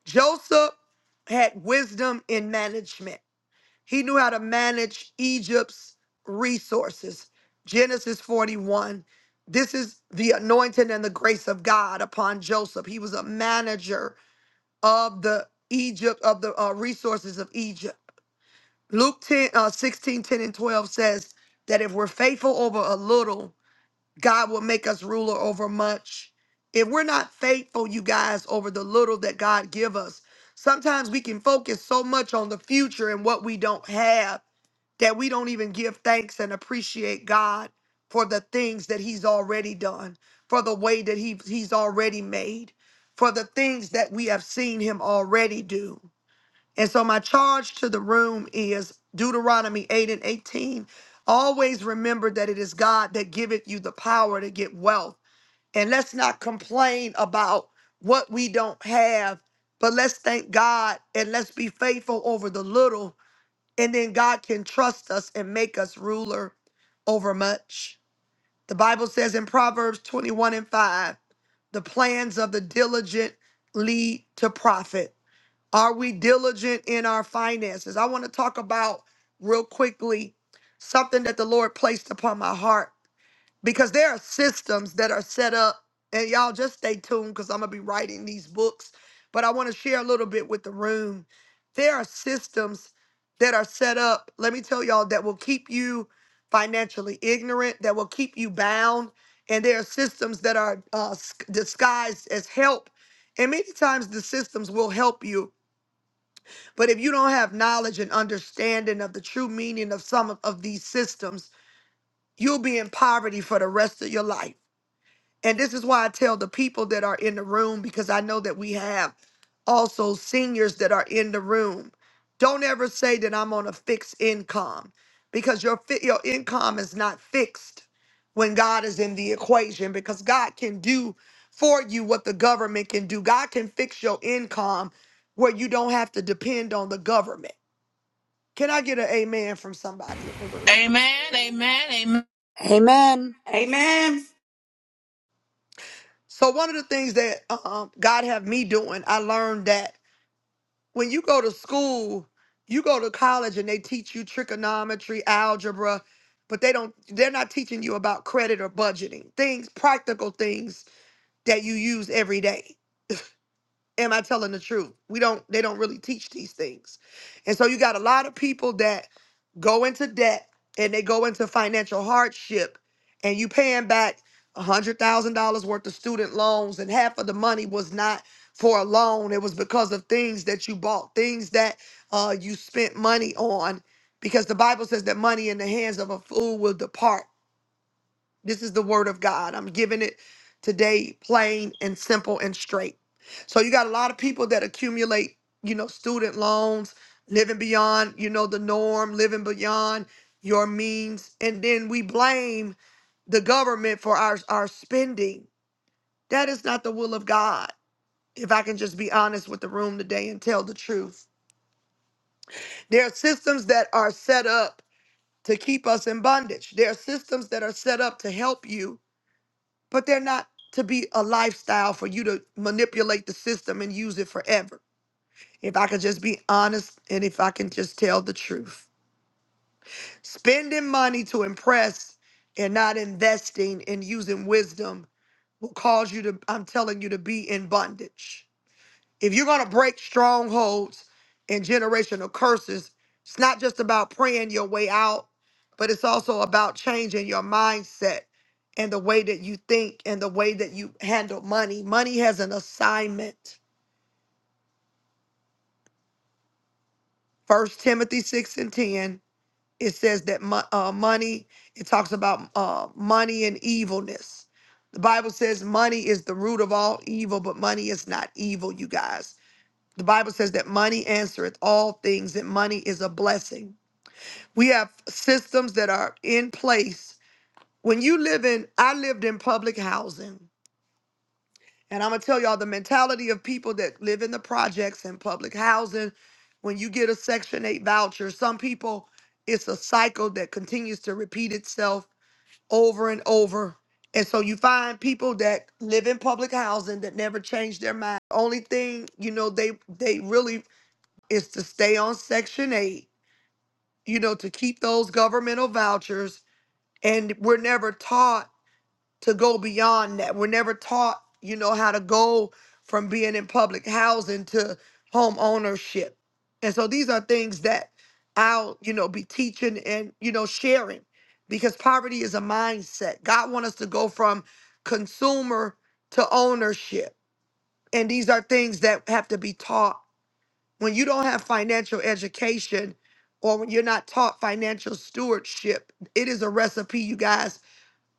Joseph had wisdom in management. He knew how to manage Egypt's resources. Genesis 41. This is the anointing and the grace of God upon Joseph. He was a manager of the Egypt of the uh, resources of Egypt. Luke 10, uh, 16, ten, and 12 says that if we're faithful over a little, God will make us ruler over much. If we're not faithful, you guys, over the little that God give us, sometimes we can focus so much on the future and what we don't have that we don't even give thanks and appreciate God for the things that He's already done, for the way that he, He's already made, for the things that we have seen Him already do. And so my charge to the room is Deuteronomy 8 and 18. Always remember that it is God that giveth you the power to get wealth. And let's not complain about what we don't have, but let's thank God and let's be faithful over the little. And then God can trust us and make us ruler over much. The Bible says in Proverbs 21 and 5, the plans of the diligent lead to profit are we diligent in our finances? I want to talk about real quickly something that the Lord placed upon my heart because there are systems that are set up, and y'all just stay tuned because I'm going to be writing these books. But I want to share a little bit with the room. There are systems that are set up, let me tell y'all, that will keep you financially ignorant, that will keep you bound. And there are systems that are uh, s- disguised as help. And many times the systems will help you but if you don't have knowledge and understanding of the true meaning of some of, of these systems, you'll be in poverty for the rest of your life. And this is why I tell the people that are in the room, because I know that we have also seniors that are in the room. Don't ever say that I'm on a fixed income because your, fi- your income is not fixed when God is in the equation because God can do for you what the government can do. God can fix your income where you don't have to depend on the government. Can I get an amen from somebody in the room?
Amen. Amen. Amen.
Amen.
Amen.
So one of the things that um, God have me doing, I learned that when you go to school, you go to college and they teach you trigonometry, algebra, but they don't they're not teaching you about credit or budgeting. Things, practical things that you use every day. am I telling the truth? We don't they don't really teach these things. And so you got a lot of people that go into debt and they go into financial hardship and you paying back a hundred thousand dollars worth of student loans and half of the money was not for a loan. It was because of things that you bought, things that uh you spent money on. Because the Bible says that money in the hands of a fool will depart. This is the word of God. I'm giving it today, plain and simple and straight. So you got a lot of people that accumulate, you know, student loans, living beyond, you know, the norm, living beyond your means, and then we blame the government for our our spending. That is not the will of God. If I can just be honest with the room today and tell the truth. There are systems that are set up to keep us in bondage. There are systems that are set up to help you but they're not to be a lifestyle for you to manipulate the system and use it forever. If I could just be honest and if I can just tell the truth, spending money to impress and not investing and using wisdom will cause you to, I'm telling you, to be in bondage if you're going to break strongholds and generational curses, it's not just about praying your way out, but it's also about changing your mindset and the way that you think and the way that you handle money. Money has an assignment. First Timothy 6 and 10, it says that mo- uh, money, it talks about uh, money and evilness. The Bible says money is the root of all evil, but money is not evil, you guys. The Bible says that money answereth all things, and money is a blessing. We have systems that are in place. When you live in, I lived in public housing, and I'm gonna tell y'all the mentality of people that live in the projects and public housing. When you get a Section 8 voucher, some people, it's a cycle that continues to repeat itself over and over. And so you find people that live in public housing that never change their mind. Only thing, you know, they they really is to stay on Section 8, you know, to keep those governmental vouchers. And we're never taught to go beyond that. We're never taught, you know, how to go from being in public housing to home ownership. And so these are things that I'll, you know, be teaching and, you know, sharing because poverty is a mindset. God wants us to go from consumer to ownership. And these are things that have to be taught when you don't have financial education or when you're not taught financial stewardship, it is a recipe, you guys.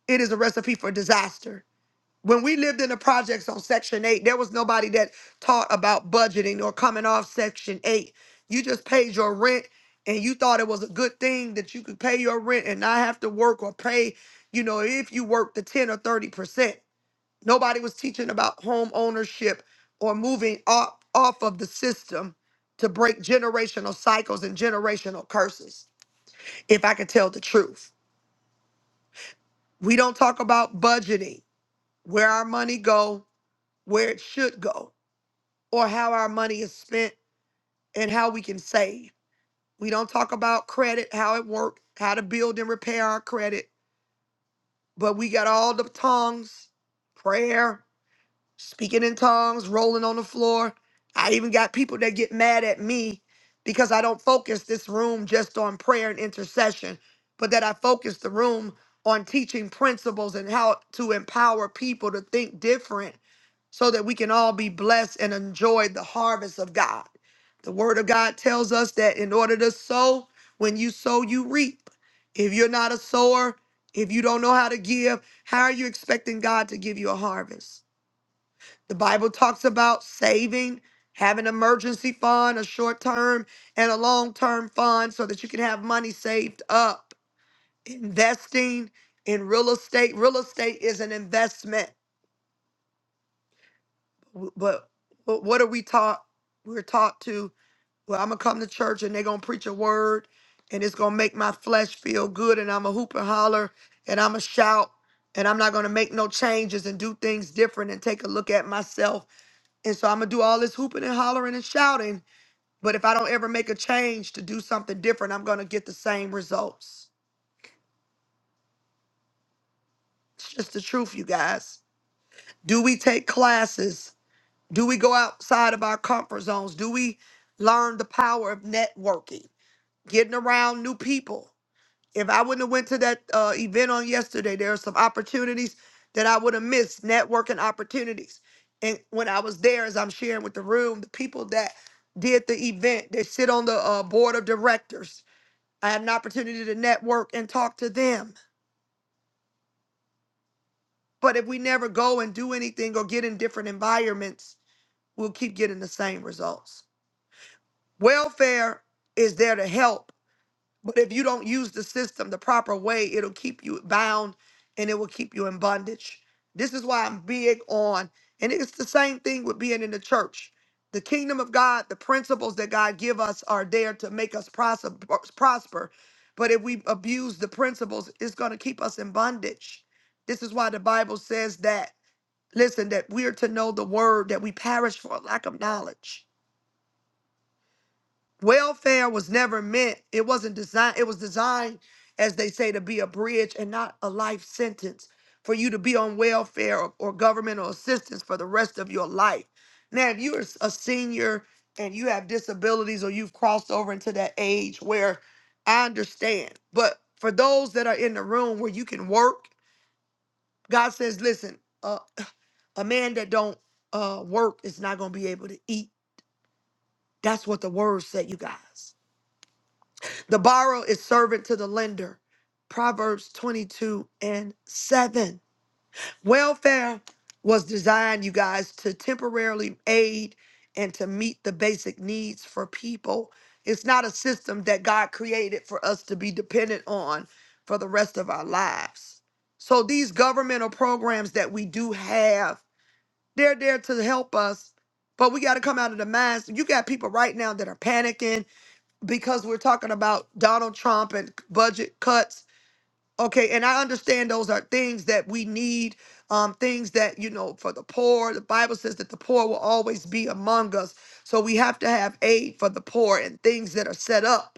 It is a recipe for disaster. When we lived in the projects on Section 8, there was nobody that taught about budgeting or coming off Section 8. You just paid your rent and you thought it was a good thing that you could pay your rent and not have to work or pay, you know, if you worked the 10 or 30%. Nobody was teaching about home ownership or moving off, off of the system to break generational cycles and generational curses. If I could tell the truth, we don't talk about budgeting, where our money go, where it should go, or how our money is spent and how we can save. We don't talk about credit, how it works, how to build and repair our credit, but we got all the tongues, prayer, speaking in tongues, rolling on the floor. I even got people that get mad at me because I don't focus this room just on prayer and intercession, but that I focus the room on teaching principles and how to empower people to think different so that we can all be blessed and enjoy the harvest of God. The word of God tells us that in order to sow, when you sow, you reap. If you're not a sower, if you don't know how to give, how are you expecting God to give you a harvest? The Bible talks about saving, having emergency fund, a short term and a long term fund so that you can have money saved up, investing in real estate. Real estate is an investment. W- But, but what are we taught? We're taught to, well, I'm going to come to church and they're going to preach a word and it's going to make my flesh feel good and I'm going to hoop and holler and I'm going to shout and I'm not going to make no changes and do things different and take a look at myself And so I'm gonna do all this hooping and hollering and shouting. But if I don't ever make a change to do something different, I'm gonna get the same results. It's just the truth, you guys. Do we take classes? Do we go outside of our comfort zones? Do we learn the power of networking, getting around new people? If I wouldn't have went to that uh, event on yesterday, there are some opportunities that I would have missed, networking opportunities. And when I was there, as I'm sharing with the room, the people that did the event, they sit on the uh, board of directors. I had an opportunity to network and talk to them. But if we never go and do anything or get in different environments, we'll keep getting the same results. Welfare is there to help But if you don't use the system the proper way, it'll keep you bound and it will keep you in bondage. This is why I'm big on, and it's the same thing with being in the church. The kingdom of God, the principles that God give us are there to make us prosper. prosper. But if we abuse the principles, it's going to keep us in bondage. This is why the Bible says that, listen, that we're to know the word, that we perish for lack of knowledge. Welfare was never meant, it wasn't designed, it was designed, as they say, to be a bridge and not a life sentence for you to be on welfare or, or governmental assistance for the rest of your life. Now, if you're a senior and you have disabilities or you've crossed over into that age where I understand, but for those that are in the room where you can work, God says, listen, uh, a man that don't uh, work is not going to be able to eat. That's what the word said, you guys. The borrower is servant to the lender. Proverbs 22 and 7. Welfare was designed, you guys, to temporarily aid and to meet the basic needs for people. It's not a system that God created for us to be dependent on for the rest of our lives. So these governmental programs that we do have, they're there to help us, but we got to come out of the minds. You got people right now that are panicking because we're talking about Donald Trump and budget cuts. Okay, and I understand those are things that we need, um, things that, you know, for the poor. The Bible says that the poor will always be among us. So we have to have aid for the poor and things that are set up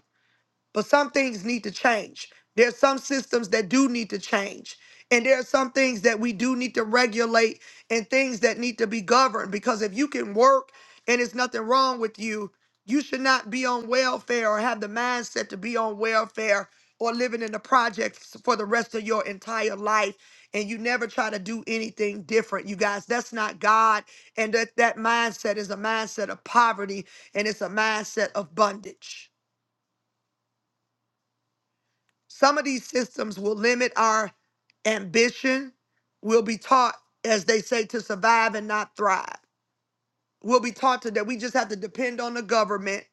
but some things need to change. There's some systems that do need to change. And there are some things that we do need to regulate and things that need to be governed. Because if you can work and it's nothing wrong with you, you should not be on welfare or have the mindset to be on welfare or living in the projects for the rest of your entire life. And you never try to do anything different, you guys. That's not God. And that, that mindset is a mindset of poverty and it's a mindset of bondage. Some of these systems will limit our ambition. We'll be taught, as they say, to survive and not thrive. We'll be taught to that we just have to depend on the government.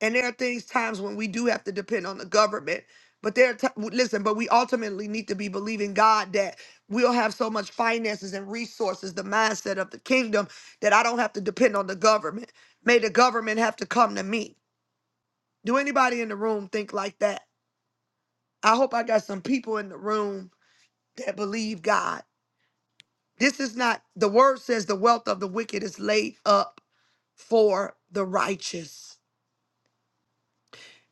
And there are things, times when we do have to depend on the government. But there, are ti- listen. But we ultimately need to be believing God that we'll have so much finances and resources, the mindset of the kingdom, that I don't have to depend on the government. May the government have to come to me. Do anybody in the room think like that? I hope I got some people in the room that believe God. This is not, the word says the wealth of the wicked is laid up for the righteous.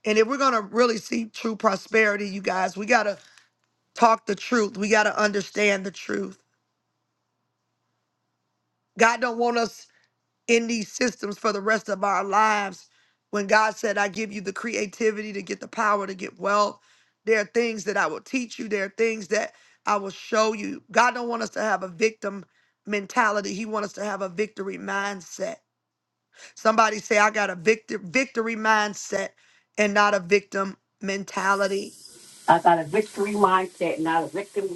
And if we're going to really see true prosperity, you guys, we got to talk the truth. We got to understand the truth. God don't want us in these systems for the rest of our lives. When God said, I give you the creativity to get the power to get wealth, there are things that I will teach you, there are things that I will show you. God don't want us to have a victim mentality. He wants us to have a victory mindset. Somebody say, I got a victor- victory mindset and not a victim mentality.
I got a victory mindset, not a victim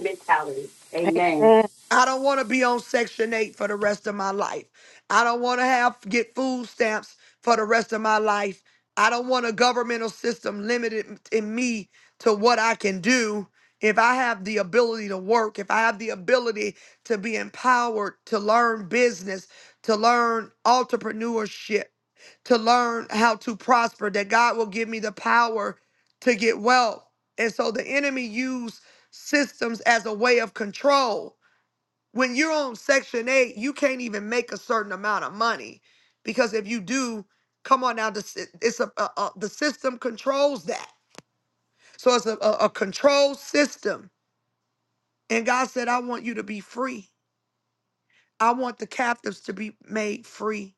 mentality. Amen.
Amen.
I don't want to be on Section 8 for the rest of my life. I don't want to have get food stamps for the rest of my life. I don't want a governmental system limited in me to what I can do. If I have the ability to work, if I have the ability to be empowered to learn business, to learn entrepreneurship, to learn how to prosper, that God will give me the power to get wealth. And so the enemy used systems as a way of control when you're on Section 8, you can't even make a certain amount of money because if you do, come on now, the, sy- it's a, a, a- the system controls that. So it's a, a, a control system. And God said, I want you to be free. I want the captives to be made free.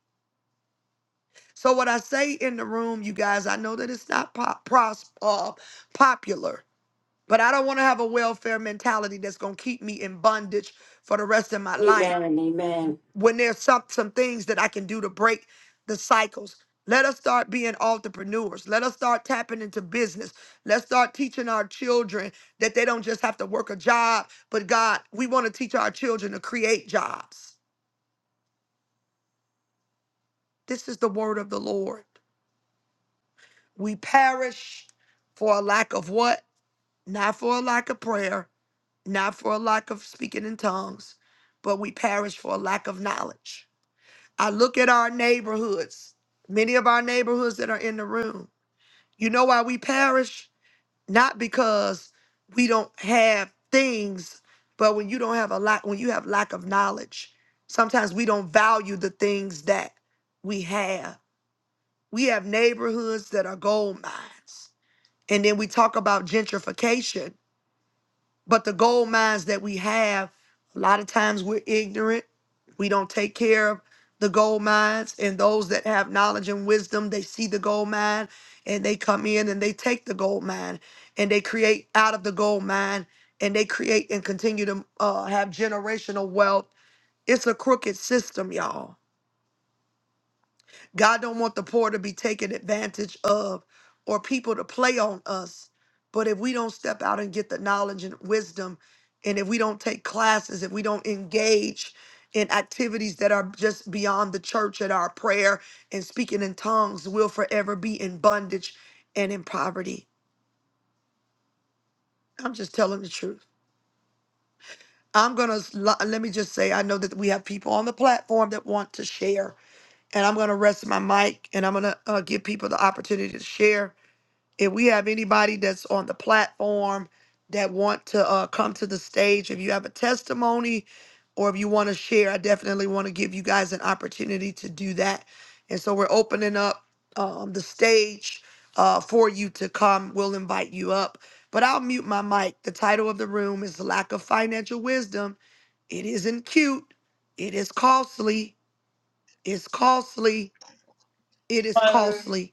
So what I say in the room, you guys, I know that it's not pop, pros, uh, popular, but I don't want to have a welfare mentality that's going to keep me in bondage for the rest of my life.
Amen and amen.
when there's some some things that I can do to break the cycles. Let us start being entrepreneurs. Let us start tapping into business. Let's start teaching our children that they don't just have to work a job, but God, we want to teach our children to create jobs. This is the word of the Lord. We perish for a lack of what? Not for a lack of prayer, not for a lack of speaking in tongues, but we perish for a lack of knowledge. I look at our neighborhoods, many of our neighborhoods that are in the room. You know why we perish? Not because we don't have things, but when you don't have a lot, when you have lack of knowledge, sometimes we don't value the things that we have. We have neighborhoods that are gold mines. And then we talk about gentrification but the gold mines that we have, a lot of times we're ignorant. We don't take care of the gold mines. And those that have knowledge and wisdom, they see the gold mine and they come in and they take the gold mine and they create out of the gold mine and they create and continue to uh, have generational wealth. It's a crooked system, y'all. God don't want the poor to be taken advantage of or people to play on us. But if we don't step out and get the knowledge and wisdom, and if we don't take classes, if we don't engage in activities that are just beyond the church and our prayer and speaking in tongues, we'll forever be in bondage and in poverty. I'm just telling the truth. I'm going to let me just say I know that we have people on the platform that want to share, and I'm going to rest my mic and I'm going to uh, give people the opportunity to share if we have anybody that's on the platform that want to uh, come to the stage if you have a testimony or if you want to share i definitely want to give you guys an opportunity to do that and so we're opening up um, the stage uh, for you to come we'll invite you up but i'll mute my mic the title of the room is lack of financial wisdom it isn't cute it is costly it's costly it is
Hi,
costly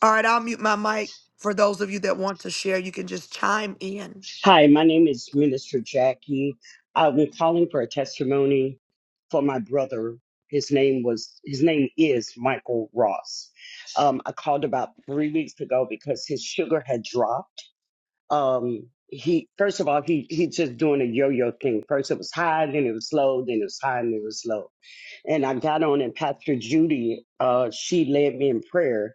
all right, I'll mute my mic. For those of you that want to share, you can just chime in.
my name is Minister Jackie. I'm calling for a testimony for my brother. His name was his name is Michael Ross. Um, I called about three weeks ago because his sugar had dropped. Um, he first of all he he's just doing a yo-yo thing. First it was high, then it was low, then it was high, and it was low. And I got on and Pastor Judy, uh, she led me in prayer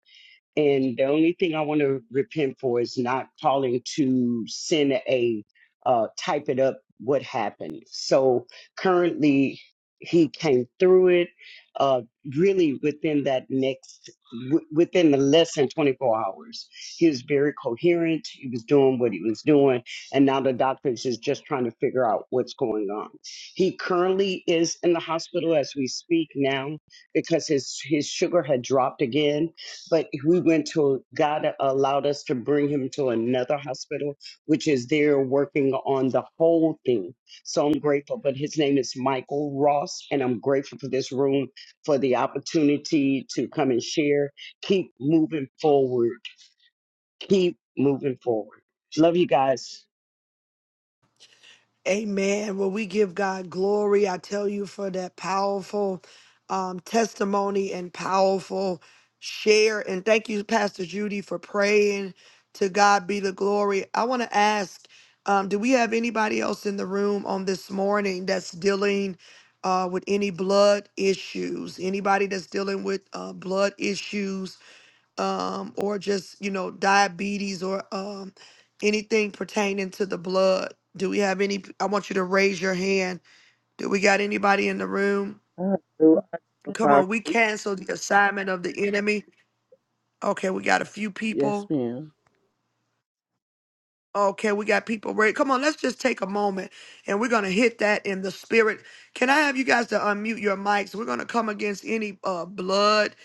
And the only thing I want to repent for is not calling to send a uh, type it up what happened. So currently, he came through it uh, really within that next, w- within the less than 24 hours. He was very coherent. He was doing what he was doing. And now the doctor is just trying to figure out what's going on. He currently is in the hospital as we speak now because his, his sugar had dropped again but we went to God allowed us to bring him to another hospital, which is there working on the whole thing. So I'm grateful. But his name is Michael Ross, and I'm grateful for this room, for the opportunity to come and share. Keep moving forward. Keep moving forward. Love you guys.
Amen. Well, we give God glory. I tell you for that powerful um, testimony and powerful share. And thank you, Pastor Judy, for praying. To God be the glory. I want to ask um, do we have anybody else in the room on this morning that's dealing uh, with any blood issues? Anybody that's dealing with uh, blood issues? um, or just you know diabetes or um, anything pertaining to the blood. Do we have any? I want you to raise your hand. Do we got anybody in the room?
I do, I do,
Come on, we
Apostle.
cancel the assignment of the enemy. Okay, we got a few
Yes,
people.
ma'am.
Okay, we got people ready. Come on, let's just take a moment and we're going to hit that in the spirit. Can I have you guys to unmute your mics? We're going to come against any uh, blood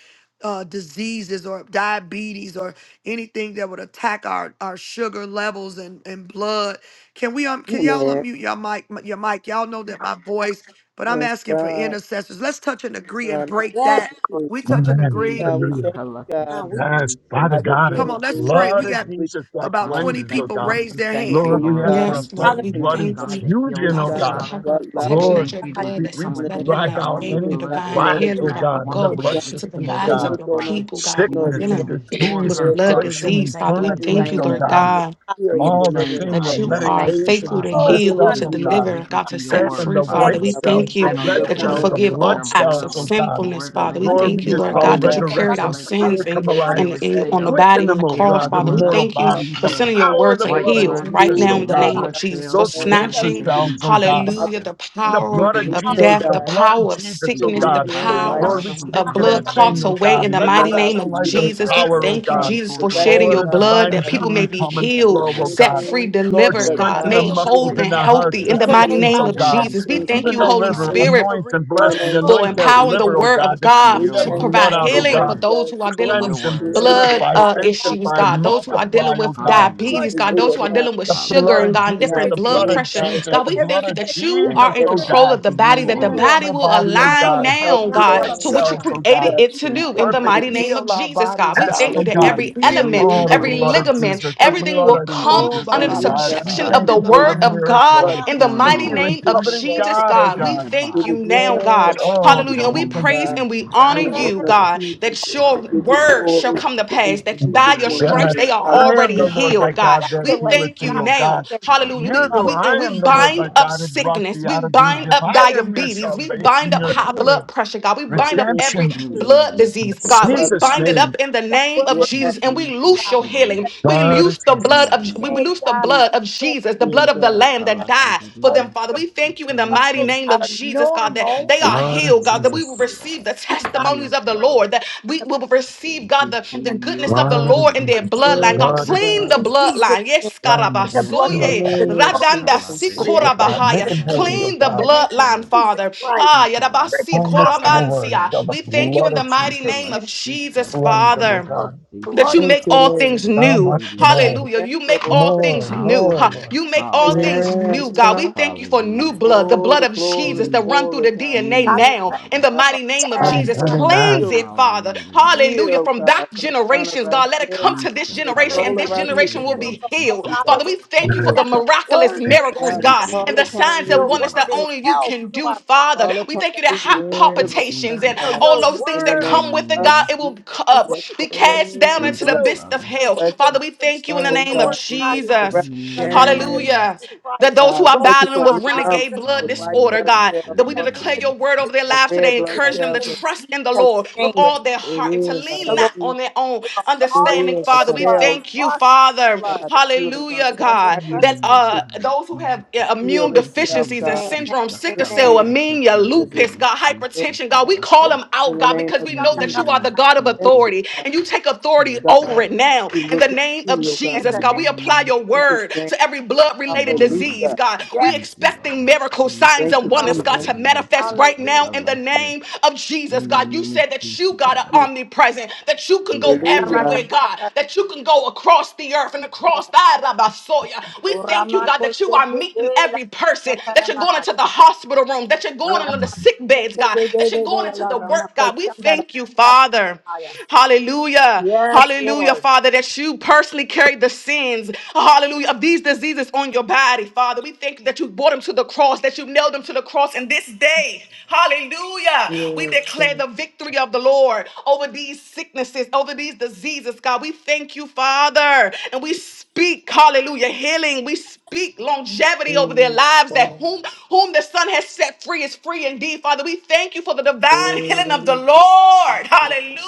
uh, diseases or diabetes or anything that would attack our, our sugar levels and, and blood. Can we um can y'all
Amen.
unmute your mic your mic? Y'all know that my voice, but I'm
Yes,
asking for
God.
intercessors. Let's touch and agree and
God, we
break
Yes.
that.
thank you.
We touch and
Amen.
agree.
God, we
Hallelujah.
thank you,
Isakalaka
God.
Now we
Yes,
to
Father
I've been
God, and
Come on, let's
guilty.
pray. We
blood of
got
the
We,
Jesus that
about
Father,
God,
we
we
20
cleanses, oh
thank
people
God.
you.
raise
We
their
thank
thank
you,
hand.
to
Lord,
you,
we
Lord.
ask
We
for
God.
a
Yes,
thank you
Father
fresh
Lord, we
that
In the
you
blood
are the
name
thank
of
God
you,
that
infusion,
Jesus,
healeth
God,
oh
for
them,
your
God, our
God.
Father.
covenant
blood
people,
We
level.
protection that
Lord,
thank
your
you
God,
that
blood
we,
we
that
we
come
sits
In the name
better
against
that
than
are
drive
our
out
all
doing
the
of
favor, your
Jesus,
any
God,
blood
we
divine
lack,
know that
element,
healing,
this,
you,
oh
that
like
God,
the
will
God, in the
woman
go
is
with,
blood
it,
God,
with
into
the
the
system, oh
issue of
that
bodies
God.
of
blood,
look
your
on us.
Father.
people, God,
You
You
who
know
are
was
that we
Sickness
able to
dealing
and
have to
restore
disease,
with
head,
her,
blood
God.
Father. So
infliction,
we
disease.
thank
Father, we
you,
God,
the
we
thank
infirmities,
ask
you,
oh
same
God
Lord
that
God.
you
God.
will
God
heal
Father.
You
And
and
the
All the
deliver
same
and
thing
that
God,
set
with
and
you
we
free.
are
God.
thank you,
faithful
medications
to
Father,
We
oh,
messed
heal,
God,
up,
to
believe
oh
that
you,
you
we
God.
are
thank
God.
deliver,
faithful
God,
to
to
your
We
set
God
Taking
word,
free,
the
know
that
that
Father.
Father.
white
We
We
it
God
so
is
we
we
cells,
thank
the
have
you
by
to
stand
give
on
red
your
that
faith,
you
account
cells,
on
word
the
how
forgive
that
even
all
blood
their
acts
cells,
of
though
blood
oh
will,
with
God.
will
sinfulness,
your
Father. We
regulate
blood,
like
Lord,
you
we
thank you,
you
and
just
that
Lord
call
all
God,
of
ordained
that you
of
it
that
the
to
to
God,
give
carried
us
our
resurrection
regulate,
wisdom,
sins
power
Father.
and
we
come
with
can
alive.
and
Every
and
understanding,
on the
breathe
cell,
with
with
Quicken
body
wisdom,
on
them,
the
oh
every
cross,
God, their
Father. We
blood.
on
Father
mortal
thank you
God,
how
bodies.
for
The
to
The
sending your
power of
word
the
to
stay
white
with
blood of
heal
blood,
right
Jesus,
food
and the
now
oh
in
and
the
red
take
God.
name
God.
of
blood
God
Jesus,
in the
cells
for
Those
will
name of
do
Because
cancer
what
snatching,
they
Jesus.
cells,
need
oh
to
God
do,
is
God.
saying, Father
hallelujah,
Father,
Father.
the
The
We
power
blood
Jesus,
of
we
of
thank you,
pray,
Jesus,
death,
the
the
God,
Father.
blood of
power of
Jesus,
We
to
oh
sickness,
lead
the
us
God.
to
glorify
the
you,
God,
right
power
Lord, we
Father. We
speak
uh,
God,
to
God,
honor
that
blood
God,
thing,
clots
you,
oh
away
God.
in
Father.
the
to
I
know
mighty
how
name
Resurrection,
of
to
life, and
give
Jesus. We
serve
power,
and
oh
thank you,
uh,
God.
Jesus, for
Oh,
direction,
shedding
let
your
a
God,
blood
and
divine
that
God,
people may
healing
be
come
not
and
giving
healed,
flow, oh
set
God.
free,
anything,
be
Lord,
healing
delivered,
but
Yes,
God,
the
strengthen
God,
the
made
that
Lord.
you
muscles
didn't
whole
Thank
and
in
you,
the
children.
teach
hearts,
us
healthy
Father.
in
the
And
how
the
to
mighty
today,
do
tissues,
name
oh
of
Father
Thank
God,
God.
you,
we
Jesus. We
things
Father.
thank
thank
Even
you,
the
God
Holy
liver,
holistically
Spirit
Hallelujah.
for the
anoint and
in
bless.
the
We
name of
reversal
for
anoint
Thank
that
of
you,
empowering
Jesus.
the
the
liver,
Lord.
God.
oh
word
God,
of
to
diagnosis
And
God
clean
we
Your
that
to
thank you,
word,
blood
provide
in
God.
out,
We
your
oh
healing
the
thank
for
God.
word,
you, God,
those who
that
are dealing
name
your
with
Cleanse them,
you're
word.
creating and
of
blood
purify,
uh,
Christ.
correcting
issues,
sanctify,
God,
Thank you,
those who are
thank God
Father.
multiply,
dealing
oh
with
us.
God.
that
we
Hallelujah.
diabetes,
blood,
should
God, those
live
who are
and how
dealing with
The
we
sugar
eat
blood
Father,
and
of
Hallelujah.
God, and
and
Jesus,
how
is
different
the
we can
blood
blood
Yes,
move
of
pressure.
canceled.
about it.
Lord.
Jesus,
God,
the
we
Every
blood
thank you
of
exercise
sickness
that you
and
Thank
Jesus,
are in
you,
oh
spirit
Lord.
everything
of
control
God.
of the body,
You
that
Heal
the
we
infirmity,
are.
body
the
will
body, oh
drive
do.
align
out
God.
God,
by
help
now,
the
Healthy
you
Thank
God,
power
blood
you,
help
of
to
Yes,
us
what you
cells,
God.
God.
oh God.
created it
You
to do in the
Perfect
Lord.
Thank
mighty
you.
name of
Heal our
Jesus, God.
bodies,
We
test,
God.
thank
oh
you that
Thank
Hallelujah.
God.
you
every
for
Heal in
element,
the
Oh,
wisdom
the
for
name
Reason.
the
every
of
blood of Jesus,
Jesus.
ligament,
doctors.
the
for healing
everything
blood
will
Give
of
power
them
come
Oh,
Jesus,
ba
under
today.
oh
the
ba
understanding,
ba.
God.
Anemia
We
subjection
will
Father,
of
thank
the
Shande
you
ba
for
be
the
word
ba.
of God
what
miracle,
blood
is
Father,
in the mighty
going
the
mighty
on
transfusion,
healing,
name of
Father,
freaking
covenant
blood
Jesus,
God, oh
transfusion.
God.
in
We
their
God.
thank
Give
Father,
body.
you
it you,
now,
God, for
God.
Yes,
Oh,
In
God.
the
the
Hallelujah. And we
name
Jehovah,
of
praise
God.
and we
Jesus.
God,
honor
In the
yes,
oh
you,
name
yes,
God.
of
God,
Jesus,
that
God, we
your
give you
Hallelujah.
word shall
glory
come to pass,
in
that
Jesus'
by your
Your
name.
word.
God.
stripes they
Amen.
are
I am
already
the
Hallelujah.
Lord
Father,
thy
healed, God.
God
Hallelujah.
that
We
regulate,
healeth
thank you
thee,
Father,
O
now.
God.
their
Hallelujah.
sugar
You're
We,
the
level.
Hallelujah.
we and
I
And
am
we
the Lord thy
bind up
God
Hallelujah.
that
please,
brought
sickness.
thee
We
out of
bind
Egypt.
Oh,
up
I
Father,
am your
thank
diabetes.
you
We
for
salvation,
that
bind
you've
up
your
given us
yes,
high
healer,
blood
Lord.
pressure, God. We
We
bind up
can
every
redemption.
In
to
the
the
blood
name of
In
disease,
the
God.
blood
We
Jesus,
of
Jesus'
bind it
Father.
Jesus.
up
name,
in the name
what
of
Yes,
we're,
In
Jesus
the
and we loose
Jesus'
Father,
your
in
name.
healing. We
Lord of
loose the
the
blood
Jesus,
of of
Amen.
we
blood of
day,
loose the
God,
Jesus,
blood
we
of
say,
Jesus, the
yes,
blood of the
God.
Lamb that died for
Isakalakadidibi,
blood
them, Father. We thank you in the mighty
levels
isakalate.
name of
are
Jesus, God, that
normal.
they
Jesus,
are
Lord of
Father,
healed,
we
God, that we
thank
will
Jesus,
you,
receive
Lord.
the
And Father,
Yes,
testimonies of the
pray
Lord.
Lord, that we will receive, God,
We
the,
in
the
the name
see
goodness
your
of the
Lord of
Lord in
testimony,
their
of-
Jesus,
your
bloodline. God,
Lord
Yes,
of
goodness,
clean
God.
the
in
Jesus,
Father.
bloodline.
Jesus'
Yes,
cleanse
The
and
Yes,
blood
In the
Lord.
Karabasoye,
purify,
that
name of
flows
Radanda
through the
Isakalate,
Jesus.
pancreas, through
sanctify, make
the
him
Sikorabahaya.
holy,
pokatatadadi,
kidneys,
O
Clean the
in
God.
the name of
bloodline,
isakala,
Jesus
Father.
Christ.
Ah,
ikalati,
Break
Yadabasi
the
How much
power of
more
isakalate,
shall
Koramansia.
the
We
this
thank you
blood
in
in the
of
mighty
Jesus
Jesus'
hakakala,
name of
name.
Jesus,
cleanse them, O
Father
God?
Lord.
shisakaladi,
The
that
Lord
you
Thank
make
you,
all
Jesus
isakalate,
Lord.
things
How
new.
much
Christ
dadadadidi,
more?
today.
si.
Hallelujah.
Thank
You
you,
make
Lord.
And
all
Thank
More,
things
you.
new.
more,
huh?
Hallelujah,
Lord.
You
That's
make
the
all
name of
things
hallelujah,
Yes,
new,
Jesus.
God. We
God.
thank you for new
hallelujah,
blood, the blood
Oh,
of Jesus
glory,
Lord.
that run through
glory,
the
God.
DNA
Newness,
Father,
now.
thank
In
Father.
the
you
I
for
mighty name of
yes,
Christ,
Coming,
Jesus,
you are
right
coming,
cleanse
man.
now.
healed,
it, Father.
Hallelujah.
Hallelujah.
healed,
From
God,
back
from the crown of
generations,
our
God, let it
head
come to this
to the
generation
There's
and
sole of
this
Isaka
our
nothing
feet.
Thank
too
generation
you
will
for
be
difficult
this.
for
healed.
You
Father.
got
Father, we
We stand
thank you for
healed,
the
that
God.
miraculous
word
Thank you,
today.
miracles,
God, we
Thank
God.
God,
you,
call
and the
Lord.
upon
signs
Thank
you,
and
Your
your
you,
wonders that
word
Lord.
is
name.
only you
health
can
to
do,
our bodies.
Father.
Call
We
upon
and
thank
the-
you that
you, your
hot
deliverer,
Yes,
Thank
palpitations
you,
and
God.
So
God.
all all
Father.
your
those things
In the
that
word
name
come with it,
of
God,
Mm,
it will
Jesus.
is
uh,
what
Yes,
be
God.
is the
cast down
We
Oh,
thank
into
ba, ba,
the
bless,
you,
ba,
true.
abyss
ba,
of
Father.
So
hell.
ba,
bless
ba.
today,
Father,
you.
we
Father, we
thank you in
say
the
that
Oh,
Son,
the
name of
God.
word of
We
God
thank you
is
for
real.
Jesus.
Let the
restoration,
blood of
Mm,
Hallelujah.
Jesus
Yes,
That
Christ
those
God.
who
We
are
go
thank you
through
for
battling
a
our
new
with
number.
hearts
renegade
and our
blood
The white
feet
hallelujah.
disorder,
blood
God,
cells
that
in
we
the
do
name of
working,
declare your word over
Jesus,
their
the
the
lives
red
today,
blood
encourage
patriots,
them to
cells
in
of the
trust in the
Jesus'
Lord with
name.
way,
all their
it
heart and to
is
God,
lean
The
that
so.
Lord
not
you
on their own
will
It
wash
go
understanding,
in
is
our
the
Father. We
so.
blood,
cells,
thank you,
wash in the
Father.
God,
blood,
that you are the God
Hallelujah,
in
that the
the name
God,
body
of
is
that
able
Mm,
Jesus.
uh,
to
those who have uh,
heal
immune
itself,
deficiencies and
Amen.
God.
syndromes,
In
sickle
the
Amen.
cell,
name of
anemia,
Jesus.
lupus, God,
Yes,
hypertension, God.
God.
We call
Oh,
them
In
out,
the
God,
name
because
of
we
In
shout
know
the
Jesus.
that
out
you
about
name
are the
of
it.
God of
Thank
Jesus.
you,
authority
God.
and you take authority
Yes,
over
God,
Lord.
it now.
you
In the
look and
name of
see, oh
In
God.
Jesus,
the
God,
name of
we apply
Mm,
In
your
Jesus.
Jesus'
word
name,
to every blood related disease,
hallelujah.
God.
Yes.
We
Thank you.
expecting miracles,
Mm,
signs,
Thank
and
you,
wonders,
Sakalaka
God, to
Jesus.
dadidi,
manifest right now
Hallelujah.
in the
sakalaka.
name of Jesus,
In the
God. You
name
said
of
that
Jesus,
you, God, are
Father.
omnipresent, that you can go
Yes, Lord.
everywhere,
Hallelujah.
God,
Hallelujah.
that you can go across the earth and across the Arabasoya.
Yes,
We thank you, God, that you are meeting every person, that you're going into the hospital room, that you're going into the
Jesus.
sick beds, God, that you're going into the work, God. We thank you, Father. Hallelujah. Hallelujah,
Lord.
Father, that you personally carried the sins, hallelujah, of these diseases on your body, Father. We thank you that you brought them to the cross, that you nailed them to the cross. And this day, hallelujah, we
Yes,
declare
God.
the victory of the Lord over these sicknesses, over these diseases, God. We thank Thank you, Father. And we speak, hallelujah, healing. We speak longevity over their
Yes,
lives that
God.
whom, whom the Son has set free is free indeed. Father, we thank you for the divine healing of the
Yes,
Lord. Hallelujah.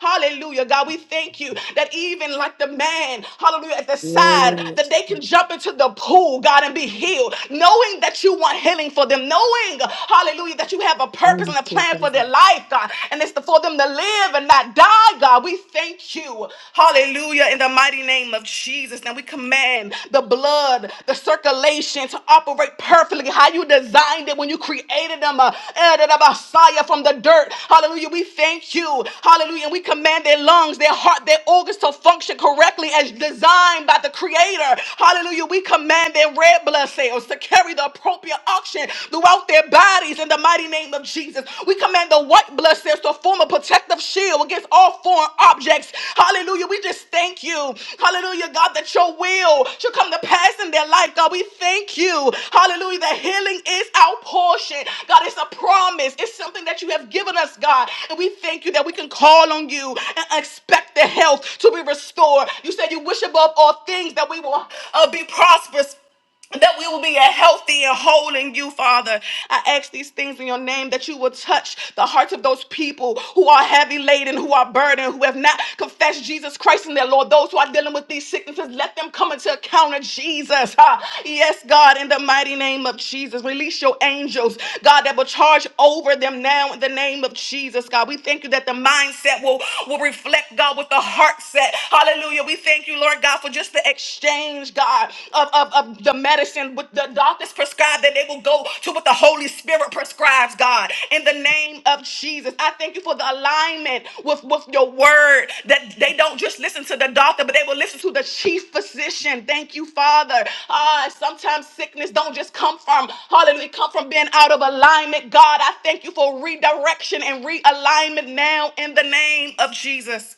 Hallelujah. God, we thank you that even like the man, hallelujah, at the side, that they can jump into the pool, God, and be healed, knowing that you want healing for them, knowing, hallelujah, that you have a purpose
thank
and a
you,
plan for
God.
their life, God. And it's the for them to live and not die, God. We thank you. Hallelujah. In the mighty name of Jesus. Now we command the blood, the circulation to operate perfectly how you designed it when you created them. Uh, added a Messiah from the dirt. Hallelujah. We thank you. Hallelujah. And we command their lungs, their heart, their organs to function correctly as designed by the Creator. Hallelujah. We command their red blood cells to carry the appropriate oxygen throughout their body bodies in the mighty name of Jesus. We command the white blood cells to form a protective shield against all foreign objects. Hallelujah. We just thank you. Hallelujah, God, that your will should come to pass in their life. God, we thank you. Hallelujah. That healing is our portion. God, it's a promise. It's something that you have given us, God. And we thank you that we can call on you and expect the health to be restored. You said you wish above all things that we will uh, be prosperous that we will be a healthy and whole in you, Father. I ask these things in your name that you will touch the hearts of those people who are heavy laden, who are burdened, who have not confessed Jesus Christ in their Lord. Those who are dealing with these sicknesses, let them come into account of Jesus. Ah, Yes, God, in the mighty name of Jesus, release your angels, God, that will charge over them now in the name of Jesus, God. We thank you that the mindset will, will reflect, God, with the heart set. Hallelujah. We thank you, Lord God, for just the exchange, God of, of, of the medicine with the doctors prescribed, that they will go to what the Holy Spirit prescribes, God. In the name of Jesus, I thank you for the alignment with, with your word, that they don't just listen to the doctor, but they will listen to the chief physician. Thank you, Father. Ah, sometimes sickness don't just come from, hallelujah, come from being out of alignment. God, I thank you for redirection and realignment now in the name of Jesus.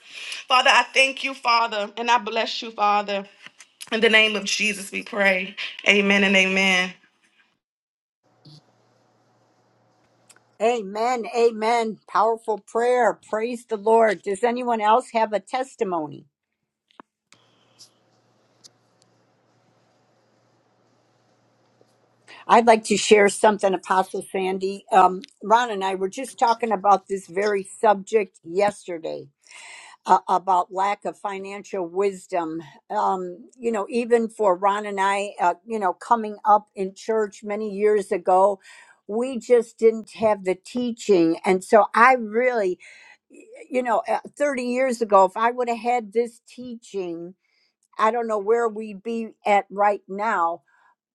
Father, I thank you, Father, and I bless you, Father. In the name of Jesus, we pray. Amen and amen.
Amen. Amen. Powerful prayer. Praise the Lord. Does anyone else have a testimony? I'd like to share something, Apostle Sandy. Um, Ron and I were just talking about this very subject yesterday uh, about lack of financial wisdom. Um, you know, even for Ron and I, uh, you know, coming up in church many years ago, we just didn't have the teaching. And so I really, y- you know, uh, 30 years ago, if I would have had this teaching, I don't know where we'd be at right now.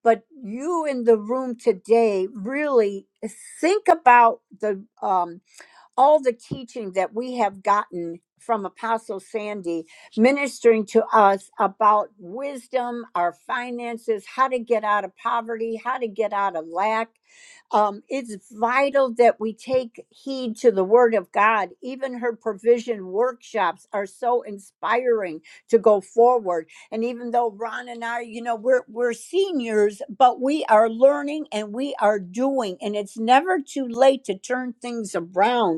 But you in the room today, really uh, think about the um, all the teaching that we have gotten from Apostle Sandy ministering to us about wisdom, our finances, how to get out of poverty, how to get out of lack. Um, it's vital that we take heed to the Word of God. Even her provision workshops are so inspiring to go forward. And even though Ron and I, you know, we're we're seniors, but we are learning and we are doing, and it's never too late to turn things around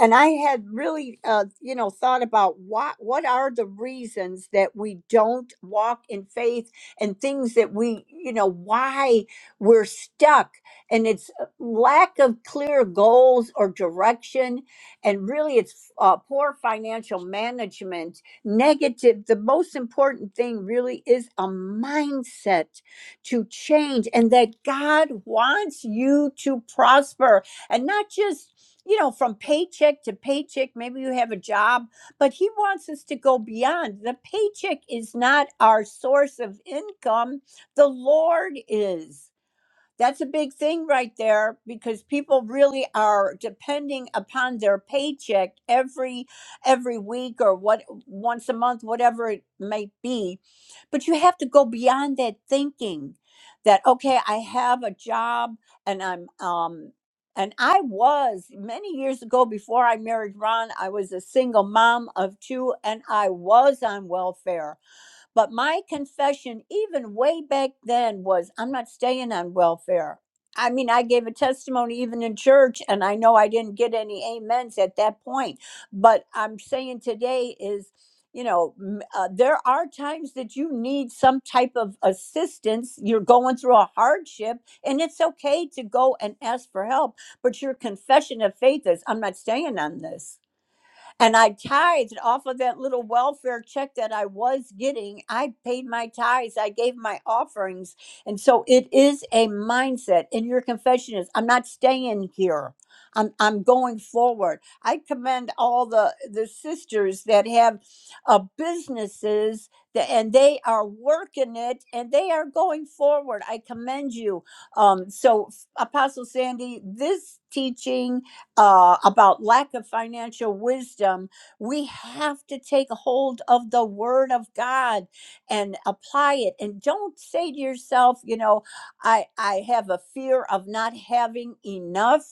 and I had really, uh, you know, thought about what what are the reasons that we don't walk in faith, and things that we, you know, why we're stuck, and it's uh, lack of clear goals or direction, and really, it's uh, poor financial management. Negative. The most important thing really is a mindset to change, and that God wants you to prosper and not just you know from paycheck to paycheck maybe you have a job but he wants us to go beyond the paycheck is not our source of income the lord is that's a big thing right there because people really are depending upon their paycheck every every week or what once a month whatever it may be. But you have to go beyond that thinking that okay, I have a job and I'm um and I was many years ago before I married Ron, I was a single mom of two and I was on welfare but my confession, even way back then, was I'm not staying on welfare. I mean, I gave a testimony even in church, and I know I didn't get any amens at that point. But I'm saying today is, you know, m- uh, there are times that you need some type of assistance. You're going through a hardship, and it's okay to go and ask for help. But your confession of faith is, I'm not staying on this and I tithed off of that little welfare check that I was getting. I paid my tithes, I gave my offerings. And so it is a mindset. And your confession is I'm not staying here. I'm I'm going forward. I commend all the the sisters that have uh, businesses that, and they are working it and they are going forward. I commend you. Um, so Apostle Sandy, this teaching uh, about lack of financial wisdom, we have to take hold of the Word of God and apply it. And don't say to yourself, you know, I I have a fear of not having enough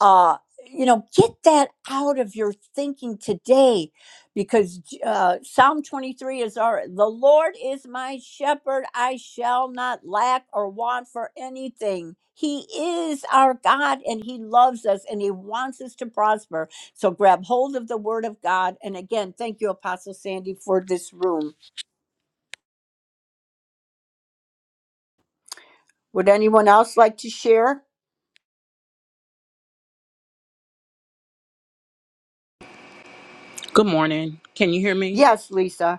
uh you know get that out of your thinking today because uh psalm 23 is our the lord is my shepherd i shall not lack or want for anything he is our god and he loves us and he wants us to prosper so grab hold of the word of god and again thank you apostle sandy for this room would anyone else like to share
Good morning. Can you hear me?
yes lisa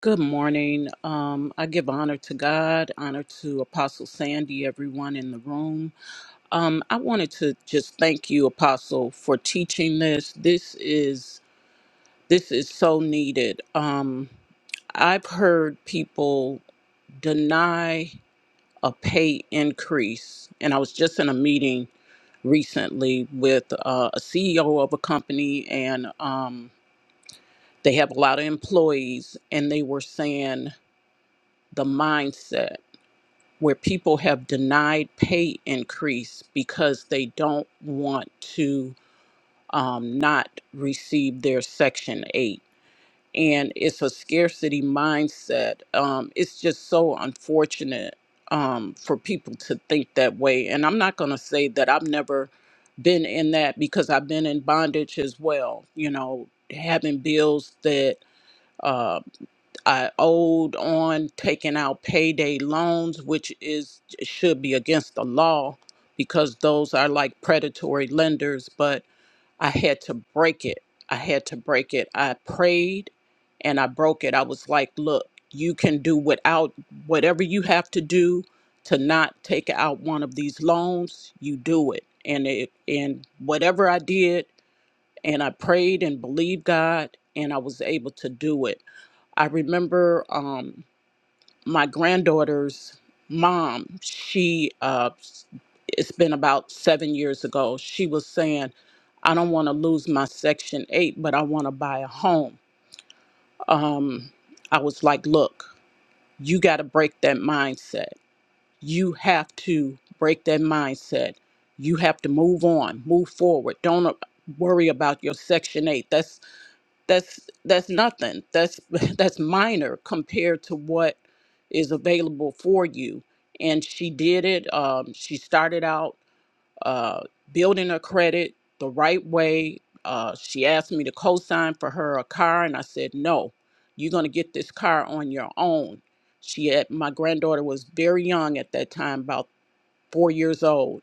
Good morning. Um, I give honor to God, honor to Apostle Sandy, everyone in the room. Um, I wanted to just thank you, Apostle, for teaching this. This is this is so needed. Um, I've heard people deny a pay increase, and I was just in a meeting recently with uh, a CEO of a company, and um, they have a lot of employees, and they were saying the mindset where people have denied pay increase because they don't want to um, not receive their Section 8. And it's a scarcity mindset. Um, it's just so unfortunate um, for people to think that way. And I'm not going to say that I've never been in that because I've been in bondage as well, you know, having bills that uh, I owed on taking out payday loans, which is should be against the law because those are like predatory lenders. But I had to break it. I had to break it. I prayed and I broke it. I was like, look, you can do without whatever you have to do to not take out one of these loans, you do it. And it and whatever I did, and I prayed and believed God, and I was able to do it I remember um, my granddaughter's mom. She uh, it's been about seven years ago. She was saying, "I don't want to lose my Section Eight, but I want to buy a home." Um, I was like, "Look, you got to break that mindset. You have to break that mindset. You have to move on, move forward. Don't uh, worry about your Section 8. That's." that's that's nothing that's that's minor compared to what is available for you and she did it um, she started out uh, building her credit the right way uh, she asked me to co-sign for her a car and i said no you're going to get this car on your own she had my granddaughter was very young at that time about four years old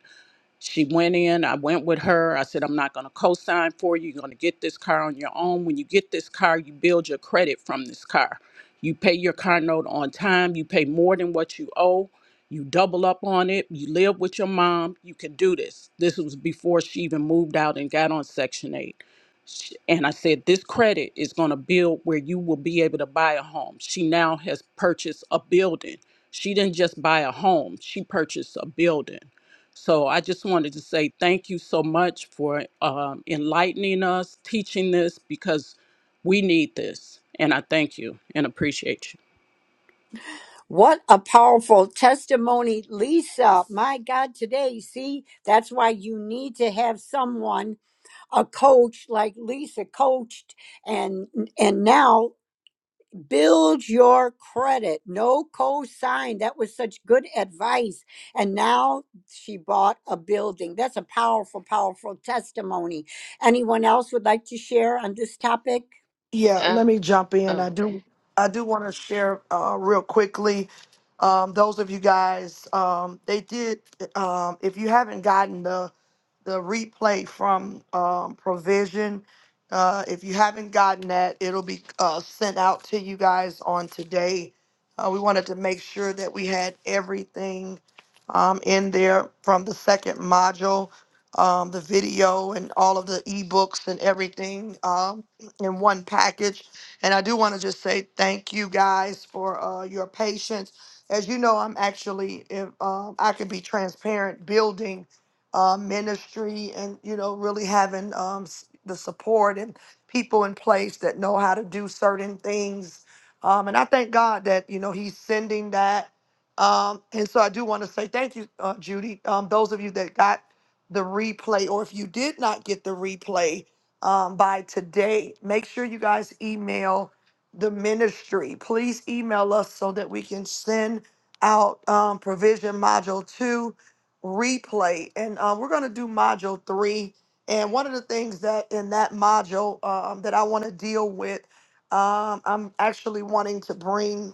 she went in, I went with her. I said, I'm not going to co sign for you. You're going to get this car on your own. When you get this car, you build your credit from this car. You pay your car note on time, you pay more than what you owe, you double up on it, you live with your mom. You can do this. This was before she even moved out and got on Section 8. Sh- And I said, This credit is going to build where you will be able to buy a home. She now has purchased a building. She didn't just buy a home, she purchased a building. So I just wanted to say thank you so much for um, enlightening us, teaching this, because we need this. And I thank you and appreciate you.
What a powerful testimony, Lisa. My God, today, see, that's why you need to have someone, a coach like Lisa coached and and now build your credit. No co-sign. That was such good advice. And now she bought a building. That's a powerful, powerful testimony. Anyone else would like to share on this topic?
Yeah,
Uh,
let me jump in.
oh,
I
okay.
do I do want to share uh, real quickly. Um, those of you guys, um, they did. Um, if you haven't gotten the the replay from um, Provision, uh, if you haven't gotten that, it'll be uh, sent out to you guys on today. Uh, we wanted to make sure that we had everything um, in there from the second module, um, the video, and all of the ebooks and everything. Um, in one package. And I do want to just say thank you guys for uh, your patience. As you know, I'm actually, if um, I could be transparent, building uh, ministry and you know really having um, s- the support and people in place that know how to do certain things. Um, and I thank God that you know He's sending that. Um, and so I do want to say thank you, uh, Judy. Um, those of you that got the replay, or if you did not get the replay, um, by today. Make sure you guys email the ministry. Please email us so that we can send out um, provision module two replay. And uh, we're going to do module three. And one of the things that in that module um, that I want to deal with, um, I'm actually wanting to bring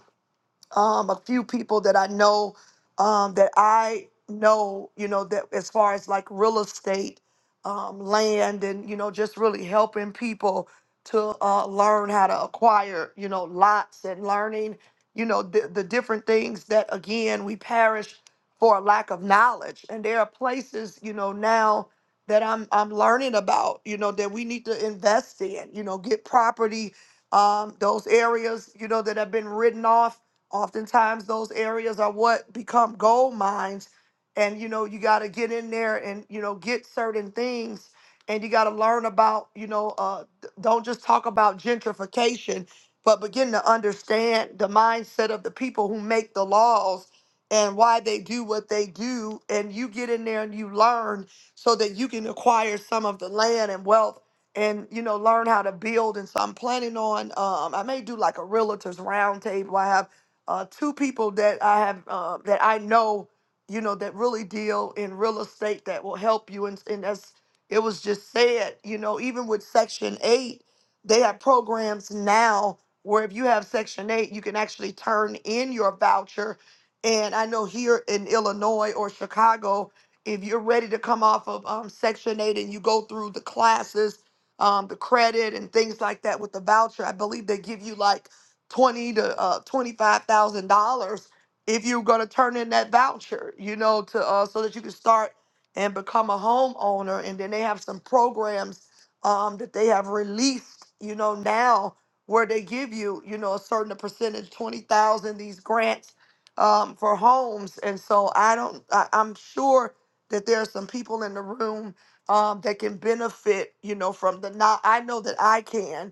um, a few people that I know um, that I know, you know, that as far as like real estate, um, land, and you know, just really helping people to uh, learn how to acquire, you know, lots and learning, you know, the, the different things that again we perish for a lack of knowledge. And there are places, you know, now that I'm I'm learning about, you know, that we need to invest in, you know, get property um, those areas, you know, that have been written off oftentimes those areas are what become gold mines and you know you got to get in there and you know get certain things and you got to learn about you know uh, d- don't just talk about gentrification but begin to understand the mindset of the people who make the laws and why they do what they do and you get in there and you learn so that you can acquire some of the land and wealth and you know learn how to build and so i'm planning on um, i may do like a realtors roundtable. i have uh, two people that I have uh, that I know, you know, that really deal in real estate that will help you. And, and as it was just said, you know, even with Section Eight, they have programs now where if you have Section Eight, you can actually turn in your voucher. And I know here in Illinois or Chicago, if you're ready to come off of um, Section Eight and you go through the classes, um, the credit and things like that with the voucher, I believe they give you like twenty to uh, twenty five thousand dollars if you're going to turn in that voucher, you know, to uh, so that you can start and become a homeowner. And then they have some programs um, that they have released, you know, now where they give you, you know, a certain percentage, twenty thousand, these grants um, for homes. And so I don't, I, I'm sure that there are some people in the room um, that can benefit, you know, from the not. I know that I can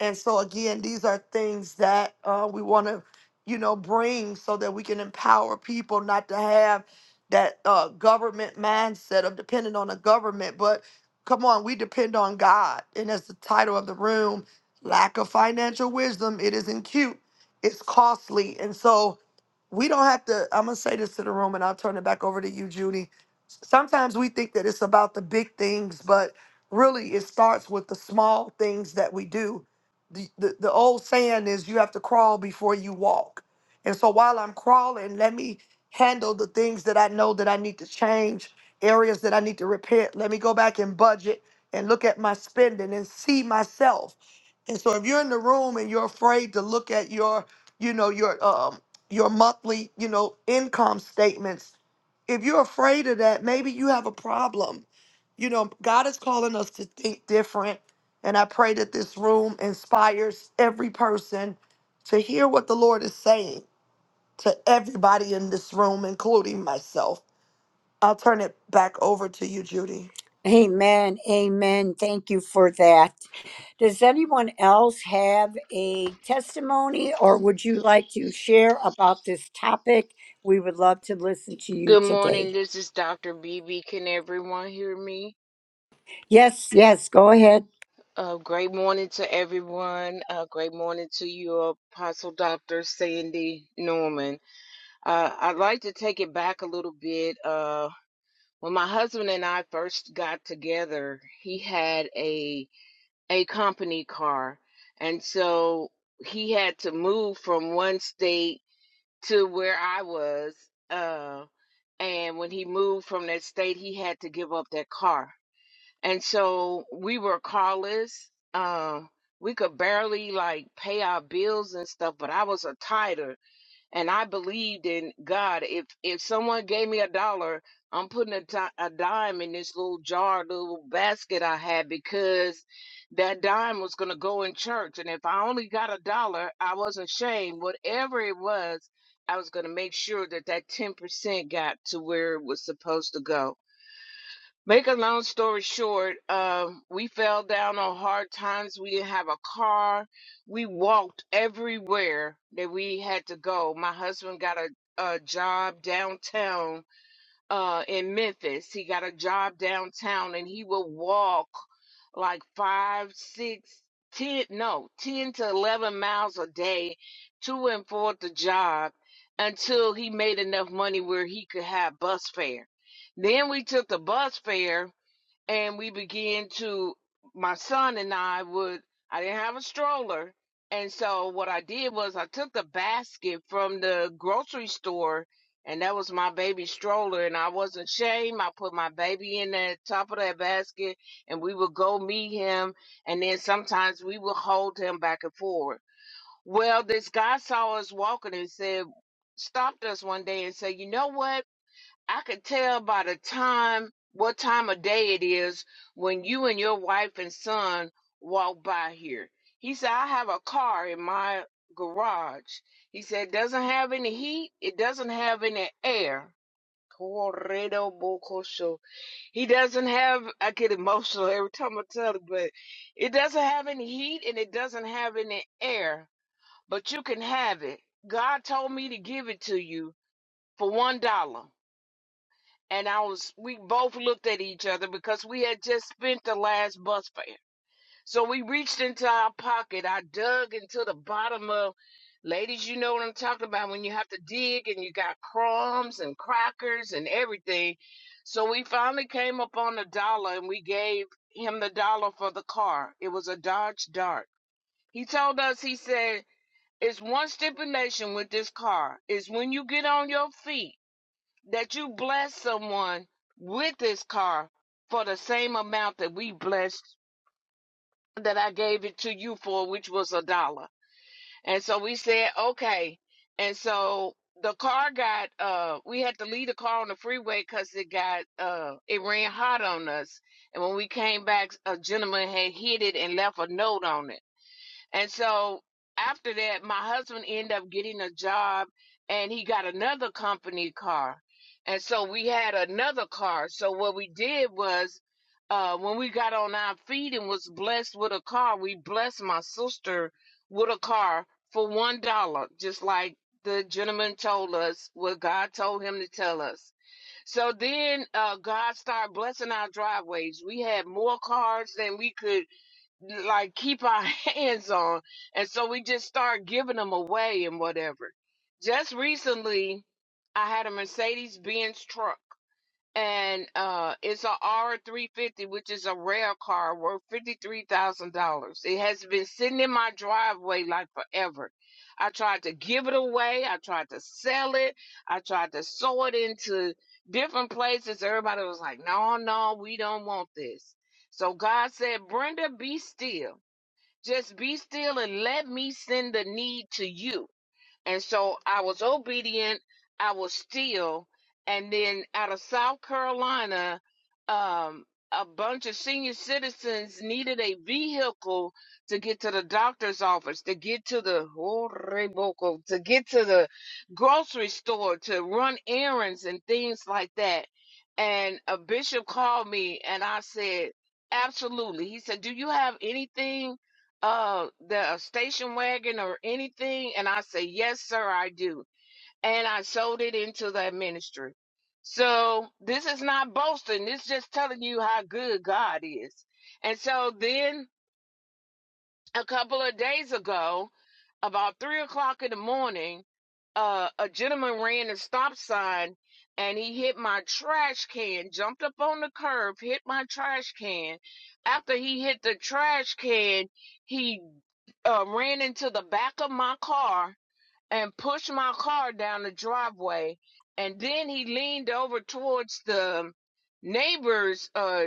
and so again, these are things that uh, we want to, you know, bring so that we can empower people not to have that uh, government mindset of depending on the government. But come on, we depend on God. And as the title of the room, lack of financial wisdom, it isn't cute. It's costly. And so we don't have to i'm gonna say this to the room and i'll turn it back over to you judy sometimes we think that it's about the big things but really it starts with the small things that we do the, the, the old saying is you have to crawl before you walk and so while i'm crawling let me handle the things that i know that i need to change areas that i need to repair let me go back and budget and look at my spending and see myself and so if you're in the room and you're afraid to look at your you know your um your monthly, you know, income statements. If you're afraid of that, maybe you have a problem. You know, God is calling us to think different. And I pray that this room inspires every person to hear what the Lord is saying to everybody in this room, including myself. I'll turn it back over to you, Judy.
Amen. Amen. Thank you for that. Does anyone else have a testimony or would you like to share about this topic? We would love to listen to you
Good morning.
today.
This is Dr. BB. Can everyone hear me?
Yes, yes, go ahead.
Uh, great morning to everyone. Uh, great morning to you, Apostle Dr. Sandy Norman. Uh, I'd like to take it back a little bit. Uh, when my husband and I first got together, he had a a company car, and so he had to move from one state to where I was. Uh, and when he moved from that state he had to give up that car and so we were carless um we could barely like pay our bills and stuff but i was a tither and I believed in God. If if someone gave me a dollar, I'm putting a ti- a dime in this little jar, little basket I had because that dime was going to go in church. And if I only got a dollar, I wasn't ashamed. Whatever it was, I was going to make sure that that ten percent got to where it was supposed to go. Make a long story short, um, we fell down on hard times. We didn't have a car. We walked everywhere that we had to go. My husband got a, a job downtown uh, in Memphis. He got a job downtown and he would walk like five, six, ten, no, 10 to 11 miles a day to and for the job until he made enough money where he could have bus fare. Then we took the bus fare and we began to my son and I would I didn't have a stroller and so what I did was I took the basket from the grocery store and that was my baby stroller and I wasn't ashamed. I put my baby in the top of that basket and we would go meet him and then sometimes we would hold him back and forward. Well this guy saw us walking and said stopped us one day and said, You know what? I could tell by the time, what time of day it is when you and your wife and son walk by here. He said, I have a car in my garage. He said, it doesn't have any heat. It doesn't have any air. Corredo Bocosho. He doesn't have, I get emotional every time I tell it, but it doesn't have any heat and it doesn't have any air, but you can have it. God told me to give it to you for $1. and I was we both looked at each other because we had just spent the last bus fare. So we reached into our pocket. I dug into the bottom of ladies, you know what I'm talking about when you have to dig and you got crumbs and crackers and everything. So we finally came up on a dollar and we gave him the dollar for the car. It was a Dodge Dart. He told us he said it's one stipulation with this car is when you get on your feet that you bless someone with this car for the same amount that we blessed that I gave it to you for, which was a dollar. And so we said, okay. And so the car got uh we had to leave the car on the freeway because it got uh it ran hot on us. And when we came back, a gentleman had hit it and left a note on it. And so after that, my husband ended up getting a job and he got another company car. And so we had another car. So what we did was, uh, when we got on our feet and was blessed with a car, we blessed my sister with a car for one dollar, just like the gentleman told us what God told him to tell us. So then, uh, God started blessing our driveways. We had more cars than we could like keep our hands on and so we just start giving them away and whatever just recently i had a mercedes benz truck and uh, it's a R350, which is a rail car worth $53,000. It has been sitting in my driveway like forever. I tried to give it away. I tried to sell it. I tried to sew it into different places. Everybody was like, no, no, we don't want this. So God said, Brenda, be still. Just be still and let me send the need to you. And so I was obedient, I was still. And then out of South Carolina, um, a bunch of senior citizens needed a vehicle to get to the doctor's office, to get to the Oreboko, to get to the grocery store, to run errands and things like that. And a bishop called me and I said, Absolutely. He said, Do you have anything? uh the a station wagon or anything and i say yes sir i do and i sold it into that ministry so this is not boasting it's just telling you how good god is and so then a couple of days ago, about three o'clock in the morning, uh, a gentleman ran a stop sign and he hit my trash can, jumped up on the curb, hit my trash can. After he hit the trash can, he uh, ran into the back of my car and pushed my car down the driveway. And then he leaned over towards the neighbor's uh,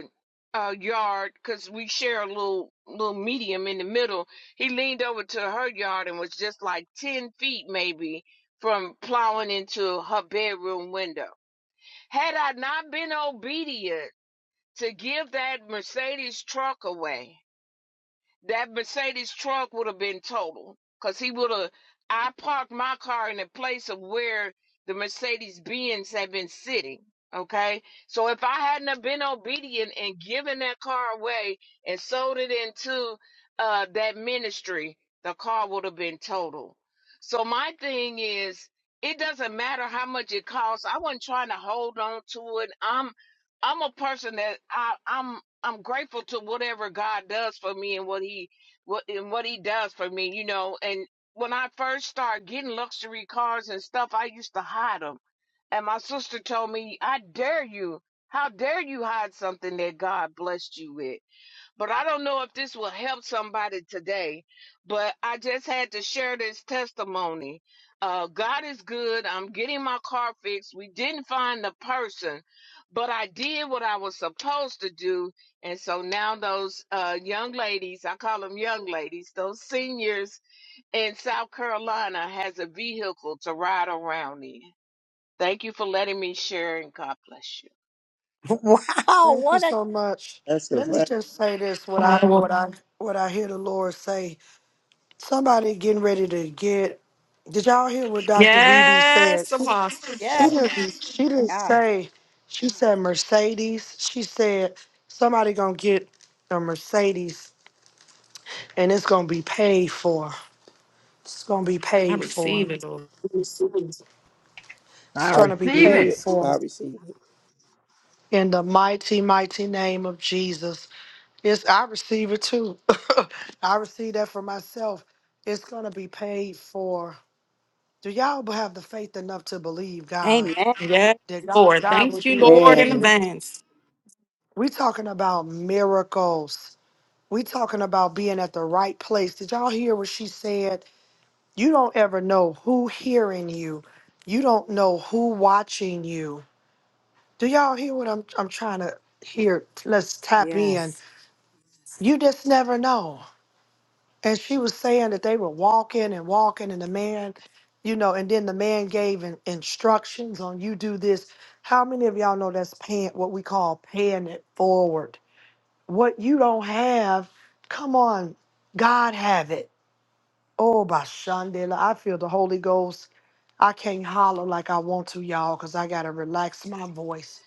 uh, yard because we share a little little medium in the middle. He leaned over to her yard and was just like ten feet maybe from plowing into her bedroom window. Had I not been obedient to give that Mercedes truck away, that Mercedes truck would have been totaled, because he would have. I parked my car in the place of where the Mercedes Benz had been sitting. Okay, so if I hadn't have been obedient and given that car away and sold it into uh, that ministry, the car would have been totaled. So my thing is, it doesn't matter how much it costs. I wasn't trying to hold on to it. I'm I'm a person that I, I'm I'm grateful to whatever God does for me and what he what and what he does for me, you know. And when I first started getting luxury cars and stuff, I used to hide them. And my sister told me, "I dare you. How dare you hide something that God blessed you with?" but I don't know if this will help somebody today. But I just had to share this testimony. Uh, God is good. I'm getting my car fixed. We didn't find the person, but I did what I was supposed to do. And so now those uh, young ladies, I call them young ladies, those seniors in South Carolina has a vehicle to ride around in. Thank you for letting me share and God bless you.
Wow,
Thank you
what a
so much.
That's a
Let me
blessing.
just say this what I
I will-
what I what I hear the Lord say Somebody getting ready to get. Did y'all hear what Dr. BB said?
Yes, Apostle.
She
yeah,
God.
didn't. She didn't
God.
say somebody gonna
I receive it, Lord.
I
I
receive
receive
pay
it.
it.
for
I receive it.
enough to believe God
Amen.
Yes,
that God,
Lord.
God will
Thank you,
do
Lord, in
Amen.
exceeding.
advance.
We talking about miracles. We talking about being at the right place. Did y'all hear what she said? You don't ever know who hearing you. You don't know who watching you. Do y'all hear what I'm? I'm trying to hear. Let's tap in.
Yes.
You just never know. And she was saying that they were walking and walking, and the man, you know, and then the man gave in, instructions on you do this. How many of y'all know that's paying what we call paying it forward? What you don't have, come on, God have it. Oh, by Shandela, I feel the Holy Ghost. I can't holler like I want to, y'all, because I got to relax my voice.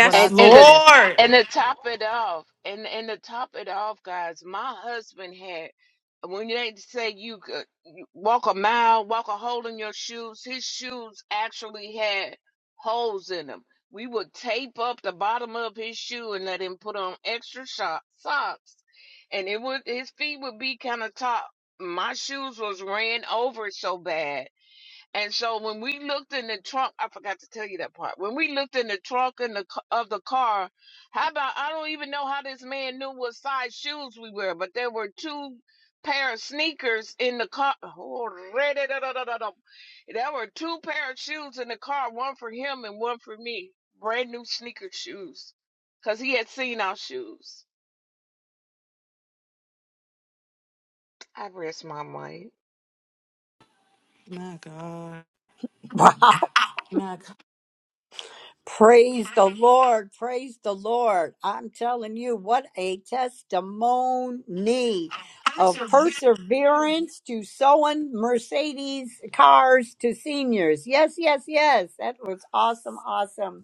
But I
And and
tell you,
it's and to top it off, and and to top it off, guys, my husband had when they say you could you walk a mile, walk a hole in your shoes, his shoes actually had holes in them. We would tape up the bottom of his shoe and let him put on extra sho socks, and it would his feet would be kind of top. My shoes was ran over so bad and so when we looked in the trunk, I forgot to tell you that part. When we looked in the trunk in the, ca- of the car, how about I don't even know how this man knew what size shoes we were, but there were two pair of sneakers in the car. Oh, re-da-da-da-da-da-da. There were two pair of shoes in the car, one for him and one for me. Brand new sneaker shoes, 'cause he had seen our shoes. I rest my mind.
Wow. Praise the Lord. Praise the Lord. I'm telling you, what a testimony of perseverance to sewing Mercedes cars to seniors. Yes, yes, yes. That was awesome. Awesome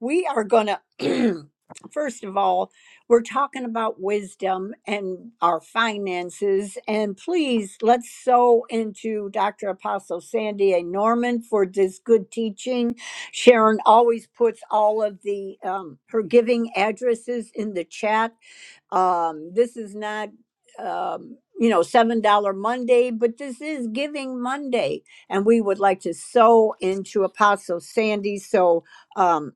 we are going to first of all we're talking about wisdom and our finances and please let's sow into dr apostle sandy a norman for this good teaching sharon always puts all of the um, her giving addresses in the chat um, this is not um, you know seven dollar monday but this is giving monday and we would like to sow into apostle sandy so um,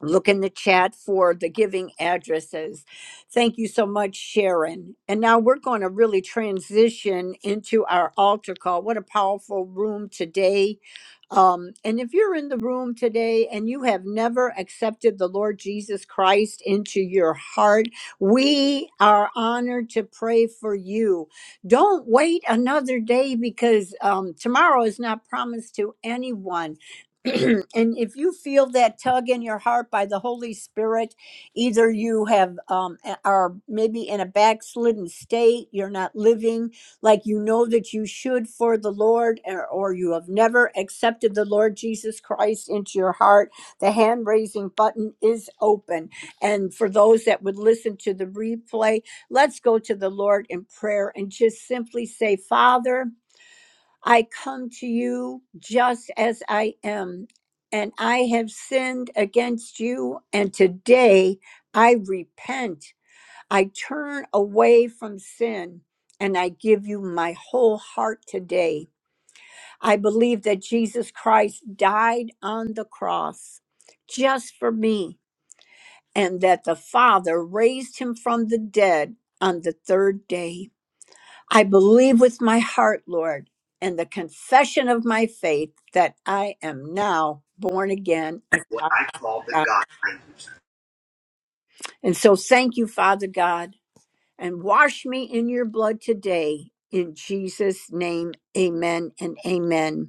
look in the chat for the giving addresses. Thank you so much, Sharon. And now we're going to really transition into our altar call. What a powerful room today. Um, and if you're in the room today and you have never accepted the Lord Jesus Christ into your heart, we are honored to pray for you. Don't wait another day because um, tomorrow is not promised to anyone and if you feel that tug in your heart by the Holy Spirit, either you have um, a- are maybe in a backslidden state, you're not living like you know that you should for the Lord, or, or you have never accepted the Lord Jesus Christ into your heart, the hand raising button is open. And for those that would listen to the replay, let's go to the Lord in prayer and just simply say, Father. I come to you just as I am, and I have sinned against you, and today I repent. I turn away from sin, and I give you my whole heart today. I believe that Jesus Christ died on the cross just for me, and that the Father raised him from the dead on the third day. I believe with my heart, Lord, and the confession of my faith that I am now born again a child
what
of
I call the
God.
God.
And so thank you, Father God, and wash me in your blood today. In Jesus' name, amen and amen.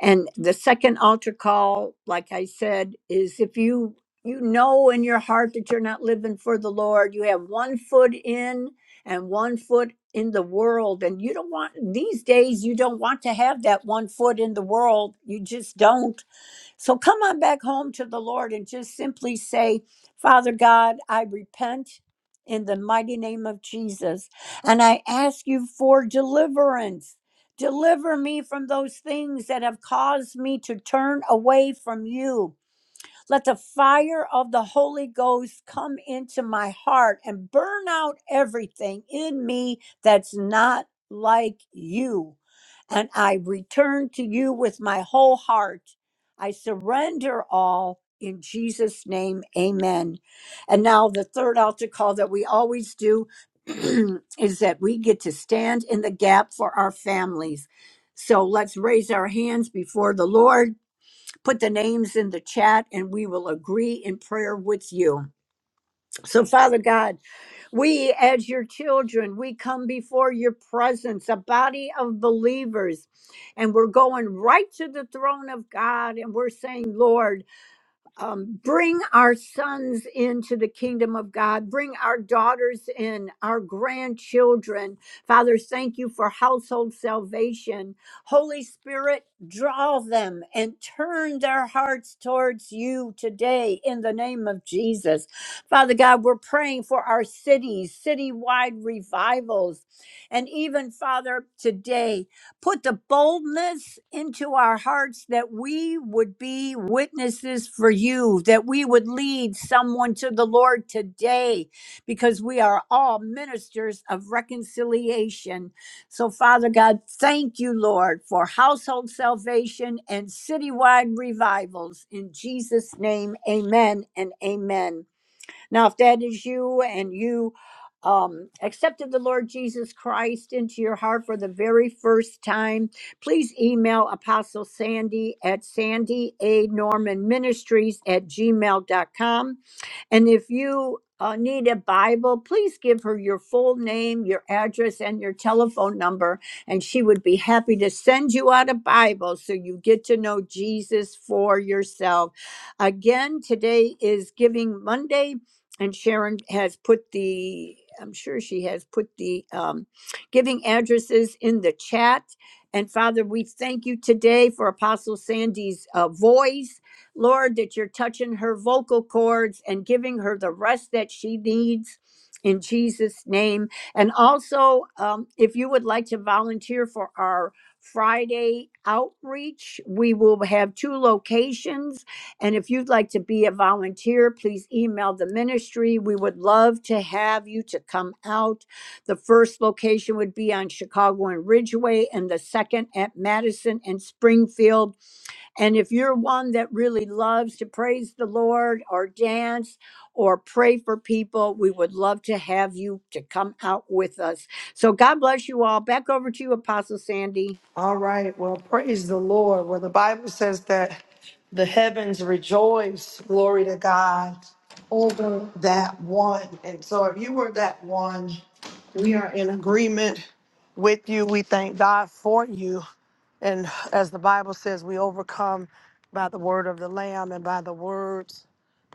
And the second altar call, like I said, is if you you know in your heart that you're not living for the Lord, you have one foot in and one foot in the world and you don't want these days you don't want to have that one foot in the world. You just don't so come on back home to the Lord and just simply say, Father God, I repent in the mighty name of Jesus. And I ask you for deliverance. Deliver me from those things that have caused me to turn away from you. Let the fire of the Holy Ghost come into my heart and burn out everything in me that's not like you. And I return to you with my whole heart. I surrender all in Jesus' name. Amen. And now, the third altar call that we always do is that we get to stand in the gap for our families. So let's raise our hands before the Lord put the names in the chat and we will agree in prayer with you. So, Father God, we as your children, we come before your presence, a body of believers, and we're going right to the throne of God and we're saying, Lord, um, bring our sons into the kingdom of God, bring our daughters in, our grandchildren. Father, thank you for household salvation. Holy Spirit, draw them and turn their hearts towards you today in the name of Jesus. Father God, we're praying for our cities, citywide revivals, and even, Father, today put the boldness into our hearts that we would be witnesses for you, that we would lead someone to the Lord today, because we are all ministers of reconciliation. So, Father God, thank you, Lord, for household salvation and citywide revivals. In Jesus' name, amen and amen. Now, if that is you and you um, accepted the Lord Jesus Christ into your heart for the very first time, please email Apostle Sandy at Sandy A. Norman Ministries at gmail dot com. And if you uh, need a Bible, please give her your full name, your address, and your telephone number, and she would be happy to send you out a Bible so you get to know Jesus for yourself. Again, today is Giving Monday and Sharon has put the, I'm sure she has put the um, giving addresses in the chat. And Father, we thank you today for Apostle Sandy's uh, voice. Lord, that you're touching her vocal cords and giving her the rest that she needs in Jesus' name. And also, um, if you would like to volunteer for our Friday outreach, we will have two locations and if you'd like to be a volunteer, please email the ministry. We would love to have you to come out. The first location would be on Chicago and Ridgeway, and the second at Madison and Springfield. And if you're one that really loves to praise the Lord or dance or pray for people, we would love to have you to come out with us. So God bless you all. Back over to you, Apostle Sandy.
all right, well, praise the Lord. Well, the Bible says that The heavens rejoice, glory to God, over that one. And so, if you were that one, we are in agreement with you. We thank God for you. And as the Bible says, we overcome by the word of the Lamb and by the words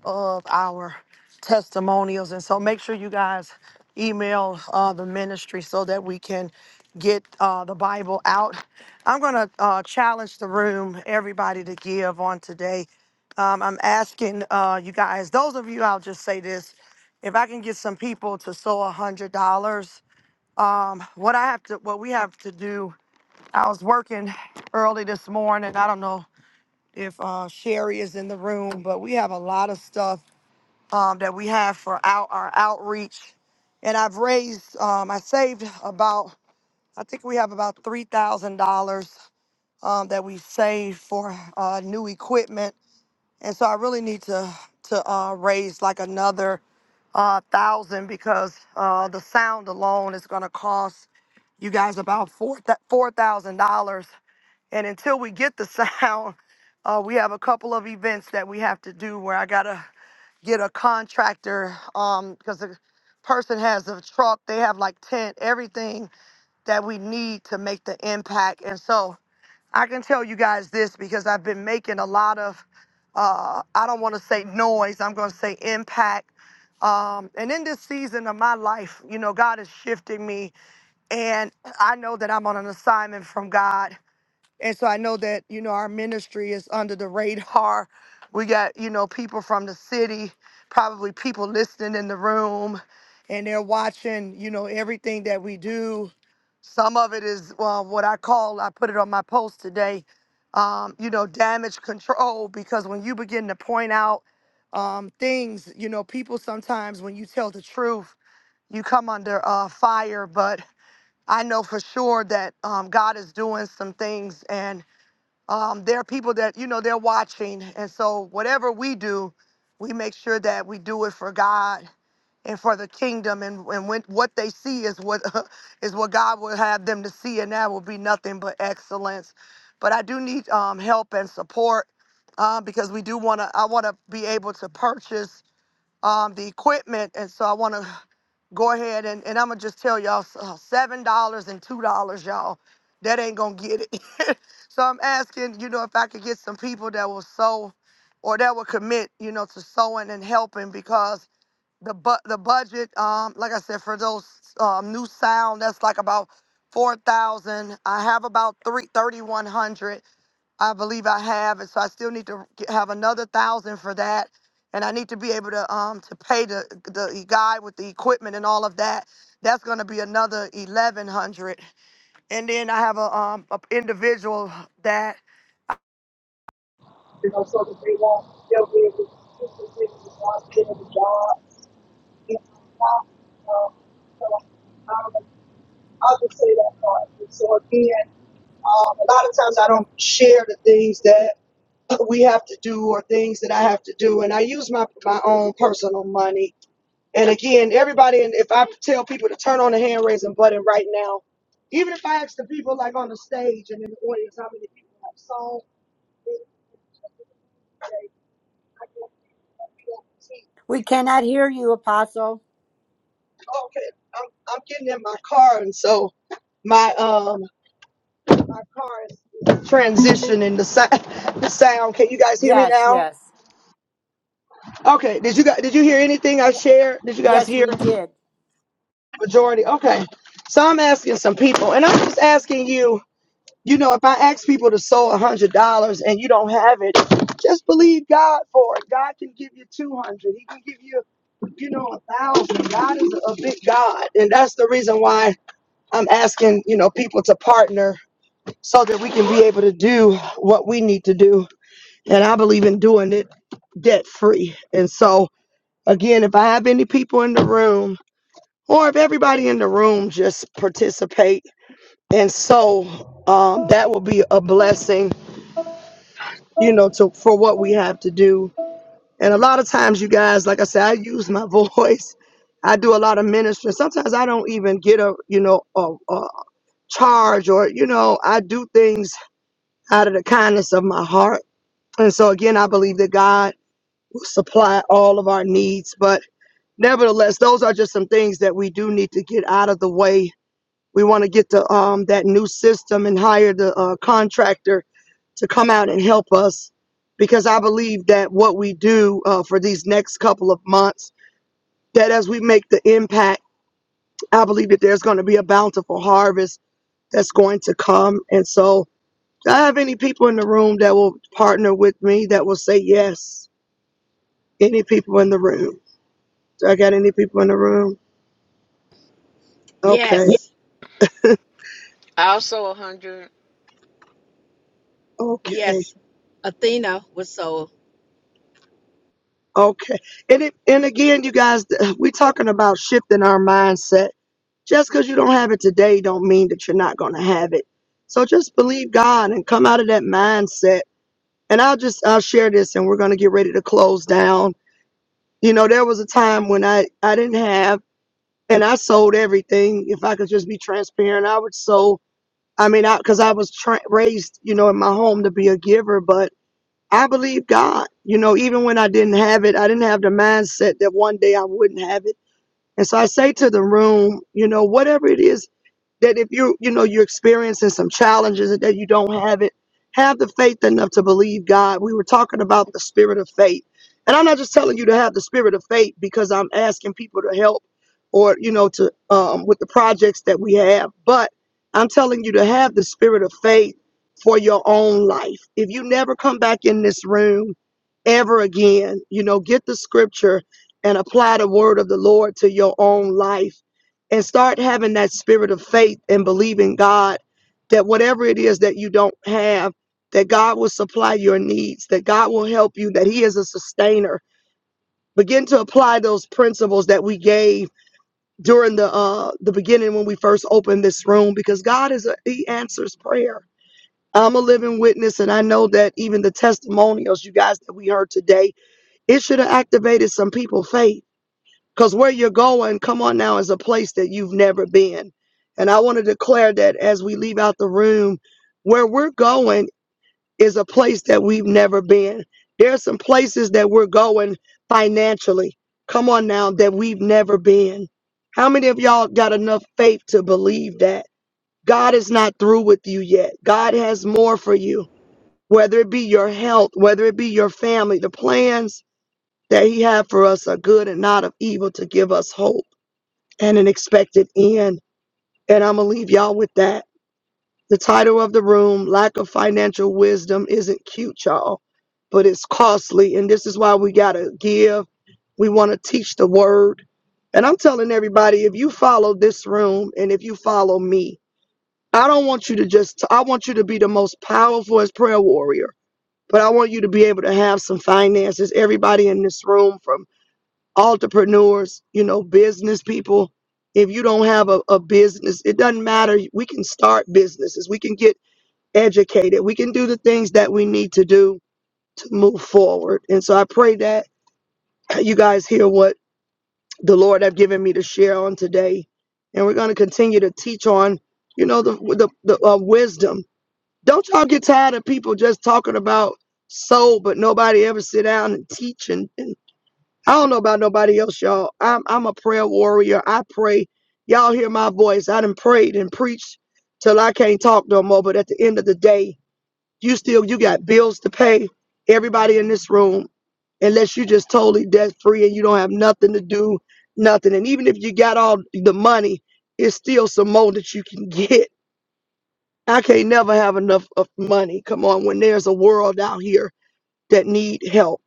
of our testimonials. And so make sure you guys email uh, the ministry so that we can get uh, the Bible out. I'm going to uh, challenge the room, everybody, to give on today. Um, I'm asking uh, you guys, those of you, I'll just say this if I can get some people to sow a hundred dollars, um, what I have to, what we have to do. I was working early this morning. I don't know if uh, Sherry is in the room, but we have a lot of stuff um, that we have for out, our outreach. And I've raised, um, I saved about, I think we have about $3,000 um, that we saved for uh, new equipment. And so I really need to, to uh, raise like another uh, thousand because uh, the sound alone is going to cost you guys about four th- four thousand dollars. And until we get the sound, uh, we have a couple of events that we have to do where I gotta get a contractor um because the person has a truck they have like tent everything that we need to make the impact and so i can tell you guys this because i've been making a lot of uh i don't want to say noise i'm going to say impact um and in this season of my life you know god is shifting me and i know that i'm on an assignment from god and so I know that, you know, our ministry is under the radar. We got, you know, people from the city, probably people listening in the room, and they're watching, you know, everything that we do. Some of it is uh, what I call, I put it on my post today, um, you know, damage control, because when you begin to point out um, things, you know, people sometimes, when you tell the truth, you come under uh, fire. But I know for sure that um, God is doing some things. And um, there are people that you know they're watching and so whatever we do we make sure that we do it for god and for the kingdom and, and when what they see is what is what god will have them to see and that will be nothing but excellence but i do need um, help and support um, because we do want to i want to be able to purchase um, the equipment and so i want to go ahead and, and I'm gonna just tell y'all s- uh, seven dollars and two dollars, y'all. That ain't gonna get it. so I'm asking, you know, if I could get some people that will sow or that will commit, you know, to sowing and helping because the bu- the budget, um, like I said, for those um, new sound, that's like about four thousand. I have about three thirty one hundred. I believe I have, and so I still need to get, have another thousand for that, and I need to be able to um to pay the the e, guy with the equipment and all of that. That's going to be another eleven hundred, and then I have a um a individual that You know, so that they won't, they'll be able to do the things as long as they have a job. You know, not, um, so, um, I'll just say that part. So again, um, a lot of times I don't share the things that. we have to do or things that I have to do. And I use my, my own personal money. And again, everybody, and if I tell people to turn on the hand raising button right now, even if I ask the people like on the stage and in the audience how many people have sold, I can't see.
We cannot hear you, Apostle.
okay, I'm, I'm getting in my car. And so my, um, my car is transitioning the sound, the sound. Can you guys hear me
Yes,
now?
yes.
Okay. Did you guys, did you hear anything I shared? Did you guys
Yes,
hear?
we did.
majority. Okay. So I'm asking some people, and I'm just asking you, you know, if I ask people to sow a hundred dollars and you don't have it, just believe God for it. God can give you two hundred. He can give you, you know, a thousand. God is a big God, and that's the reason why I'm asking, you know, people to partner so that we can be able to do what we need to do. And I believe in doing it debt free. And so, again, if I have any people in the room, or if everybody in the room just participate and so um, that will be a blessing you know to for what we have to do and a lot of times you guys like i said i use my voice i do a lot of ministry sometimes i don't even get a you know a, a charge or you know i do things out of the kindness of my heart and so again i believe that god will supply all of our needs but nevertheless those are just some things that we do need to get out of the way We want to get the um, that new system and hire the uh, contractor to come out and help us because I believe that what we do uh, for these next couple of months, that as we make the impact, I believe that there's going to be a bountiful harvest that's going to come. And so, do I have any people in the room that will partner with me that will say yes? Any people in the room? Do I got any people in the room? Okay. Yeah.
Yes,
Also, a 100.
Okay.
yes. Athena was so.
Okay. And it, and again, you guys, th- we talking about shifting our mindset. Just because you don't have it today, don't mean that you're not going to have it. So just believe God and come out of that mindset. And I'll just I'll share this, and we're going to get ready to close down. You know, there was a time when I I didn't have, and I sold everything. If I could just be transparent, I would sold. I mean, I because I was tra- raised, you know, in my home to be a giver, but I believe God. You know, even when I didn't have it, I didn't have the mindset that one day I wouldn't have it. And so I say to the room, you know, whatever it is that if you you know you're experiencing some challenges and that you don't have it have the faith enough to believe god we were talking about the spirit of faith and i'm not just telling you to have the spirit of faith because i'm asking people to help or you know to um, with the projects that we have but i'm telling you to have the spirit of faith for your own life if you never come back in this room ever again you know get the scripture and apply the word of the lord to your own life and start having that spirit of faith and believing God that whatever it is that you don't have, that God will supply your needs, that God will help you, that He is a sustainer. Begin to apply those principles that we gave during the uh, the beginning when we first opened this room, because God is a, He answers prayer. I'm a living witness, and I know that even the testimonials you guys that we heard today, it should have activated some people's faith because where you're going, come on now, is a place that you've never been. And I want to declare that as we leave out the room, where we're going is a place that we've never been. There are some places that we're going financially, come on now, that we've never been. How many of y'all got enough faith to believe that? God is not through with you yet. God has more for you, whether it be your health, whether it be your family. The plans that He had for us are good and not of evil to give us hope and an expected end. And I'm going to leave y'all with that. The title of the room, Lack of Financial Wisdom, isn't cute, y'all, but it's costly. And this is why we got to give. We want to teach the word. And I'm telling everybody if you follow this room and if you follow me, I don't want you to just, I want you to be the most powerful as prayer warrior, but I want you to be able to have some finances. Everybody in this room, from entrepreneurs, you know, business people. If you don't have a, a business, it doesn't matter. We can start businesses. We can get educated. We can do the things that we need to do to move forward. And so I pray that you guys hear what the Lord have given me to share on today. And we're going to continue to teach on, you know, the the, the uh, wisdom. Don't y'all get tired of people just talking about soul, but nobody ever sit down and teach and. I don't know about nobody else, y'all. I'm I'm a prayer warrior. I pray. Y'all hear my voice. I done prayed and preached till I can't talk no more. But at the end of the day, you still you got bills to pay. Everybody in this room, unless you just totally debt free and you don't have nothing to do, nothing. And even if you got all the money, it's still some more that you can get. I can't never have enough of money. Come on, when there's a world out here that need help.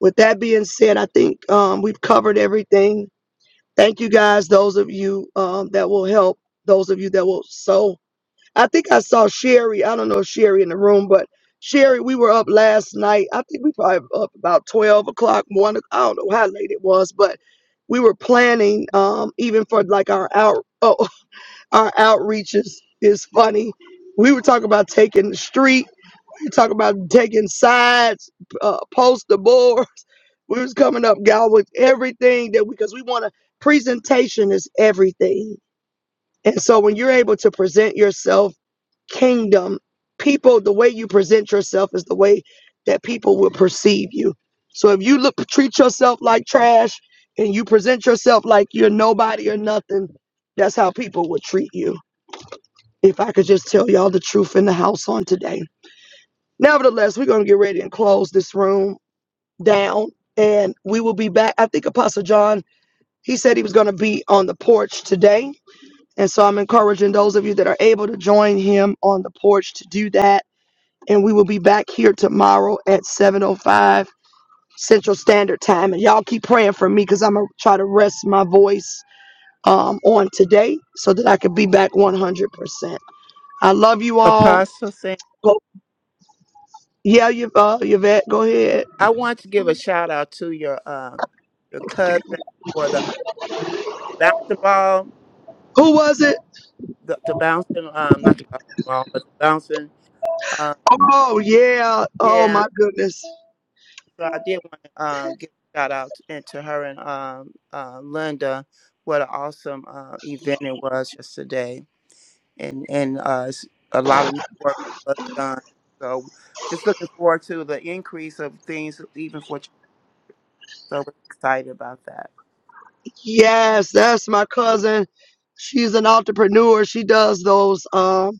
With that being said, I think um, we've covered everything Thank you guys, those of you um, that will help, those of you that will sow. I think I saw Sherry. I don't know if Sherry in the room, but Sherry, we were up last night. I think we probably were up about 12 o'clock, one. o- I don't know how late it was, but we were planning um, even for like our out oh, our outreaches is funny. We were talking about taking the street. We were talking about taking sides, uh, poster board. We was coming up, y'all, with everything that we because we want to presentation is everything. And so when you're able to present yourself kingdom, people, the way you present yourself is the way that people will perceive you. So if you look treat yourself like trash and you present yourself like you're nobody or nothing, that's how people would treat you. If I could just tell y'all the truth in the house on today. Nevertheless, we're gonna get ready and close this room down and we will be back. I think Apostle John He said he was going to be on the porch today. And so I'm encouraging those of you that are able to join him on the porch to do that. And we will be back here tomorrow at 7.05 Central Standard Time. And y'all keep praying for me because I'm going to try to rest my voice um, on today so that I could be back 100%. I love you all.
Apostle saying,
Go, yeah, Yv- uh, Yvette, go ahead.
I want to give a shout out to your um your cousin for the uh, bouncing ball,
Who was it?
the, the bouncing um not the bouncing ball, but the bouncing. Um,
Oh, yeah. Oh,
yeah.
my goodness.
So I did want to uh, give a shout out and to her and um, uh, Linda. What an awesome uh, event it was yesterday, and and uh, s- a lot of network was done. So just looking forward to the increase of things, even for so we're excited about that.
Yes, that's my cousin. She's an entrepreneur. She does those. Um,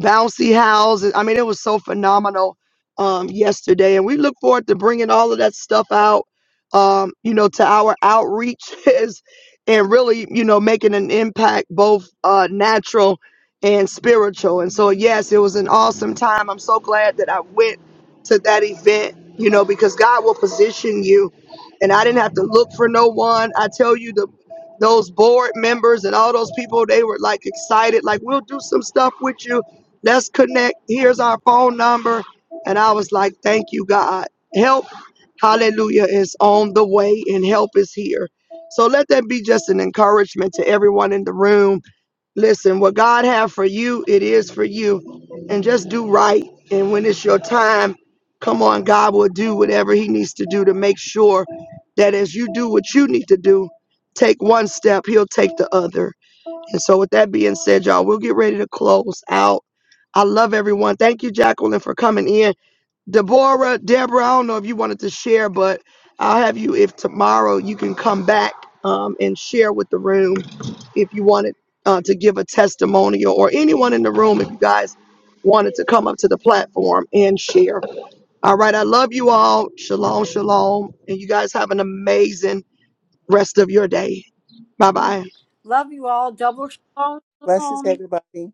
bouncy houses. I mean, it was so phenomenal um, yesterday, and we look forward to bringing all of that stuff out, um, you know, to our outreaches and really, you know, making an impact both uh, natural and spiritual. And so, yes, it was an awesome time. I'm so glad that I went to that event, you know, because God will position you, and I didn't have to look for no one. I tell you the those board members and all those people they were like excited like we'll do some stuff with you Let's connect. Here's our phone number. And I was like, Thank you, God. Help, hallelujah, is on the way and help is here. So let that be just an encouragement to everyone in the room. Listen, what God have for you, it is for you. And just do right. And when it's your time, come on, God will do whatever He needs to do to make sure that as you do what you need to do, take one step, He'll take the other. And so, with that being said, y'all, we'll get ready to close out. I love everyone. Thank you, Jacqueline, for coming in. Deborah, Deborah, I don't know if you wanted to share, but I'll have you if tomorrow you can come back um, and share with the room if you wanted uh, to give a testimonial or anyone in the room if you guys wanted to come up to the platform and share. All right. I love you all. Shalom, shalom. And you guys have an amazing rest of your day. Bye bye.
Love you all. Double
Blessings,
shalom.
everybody.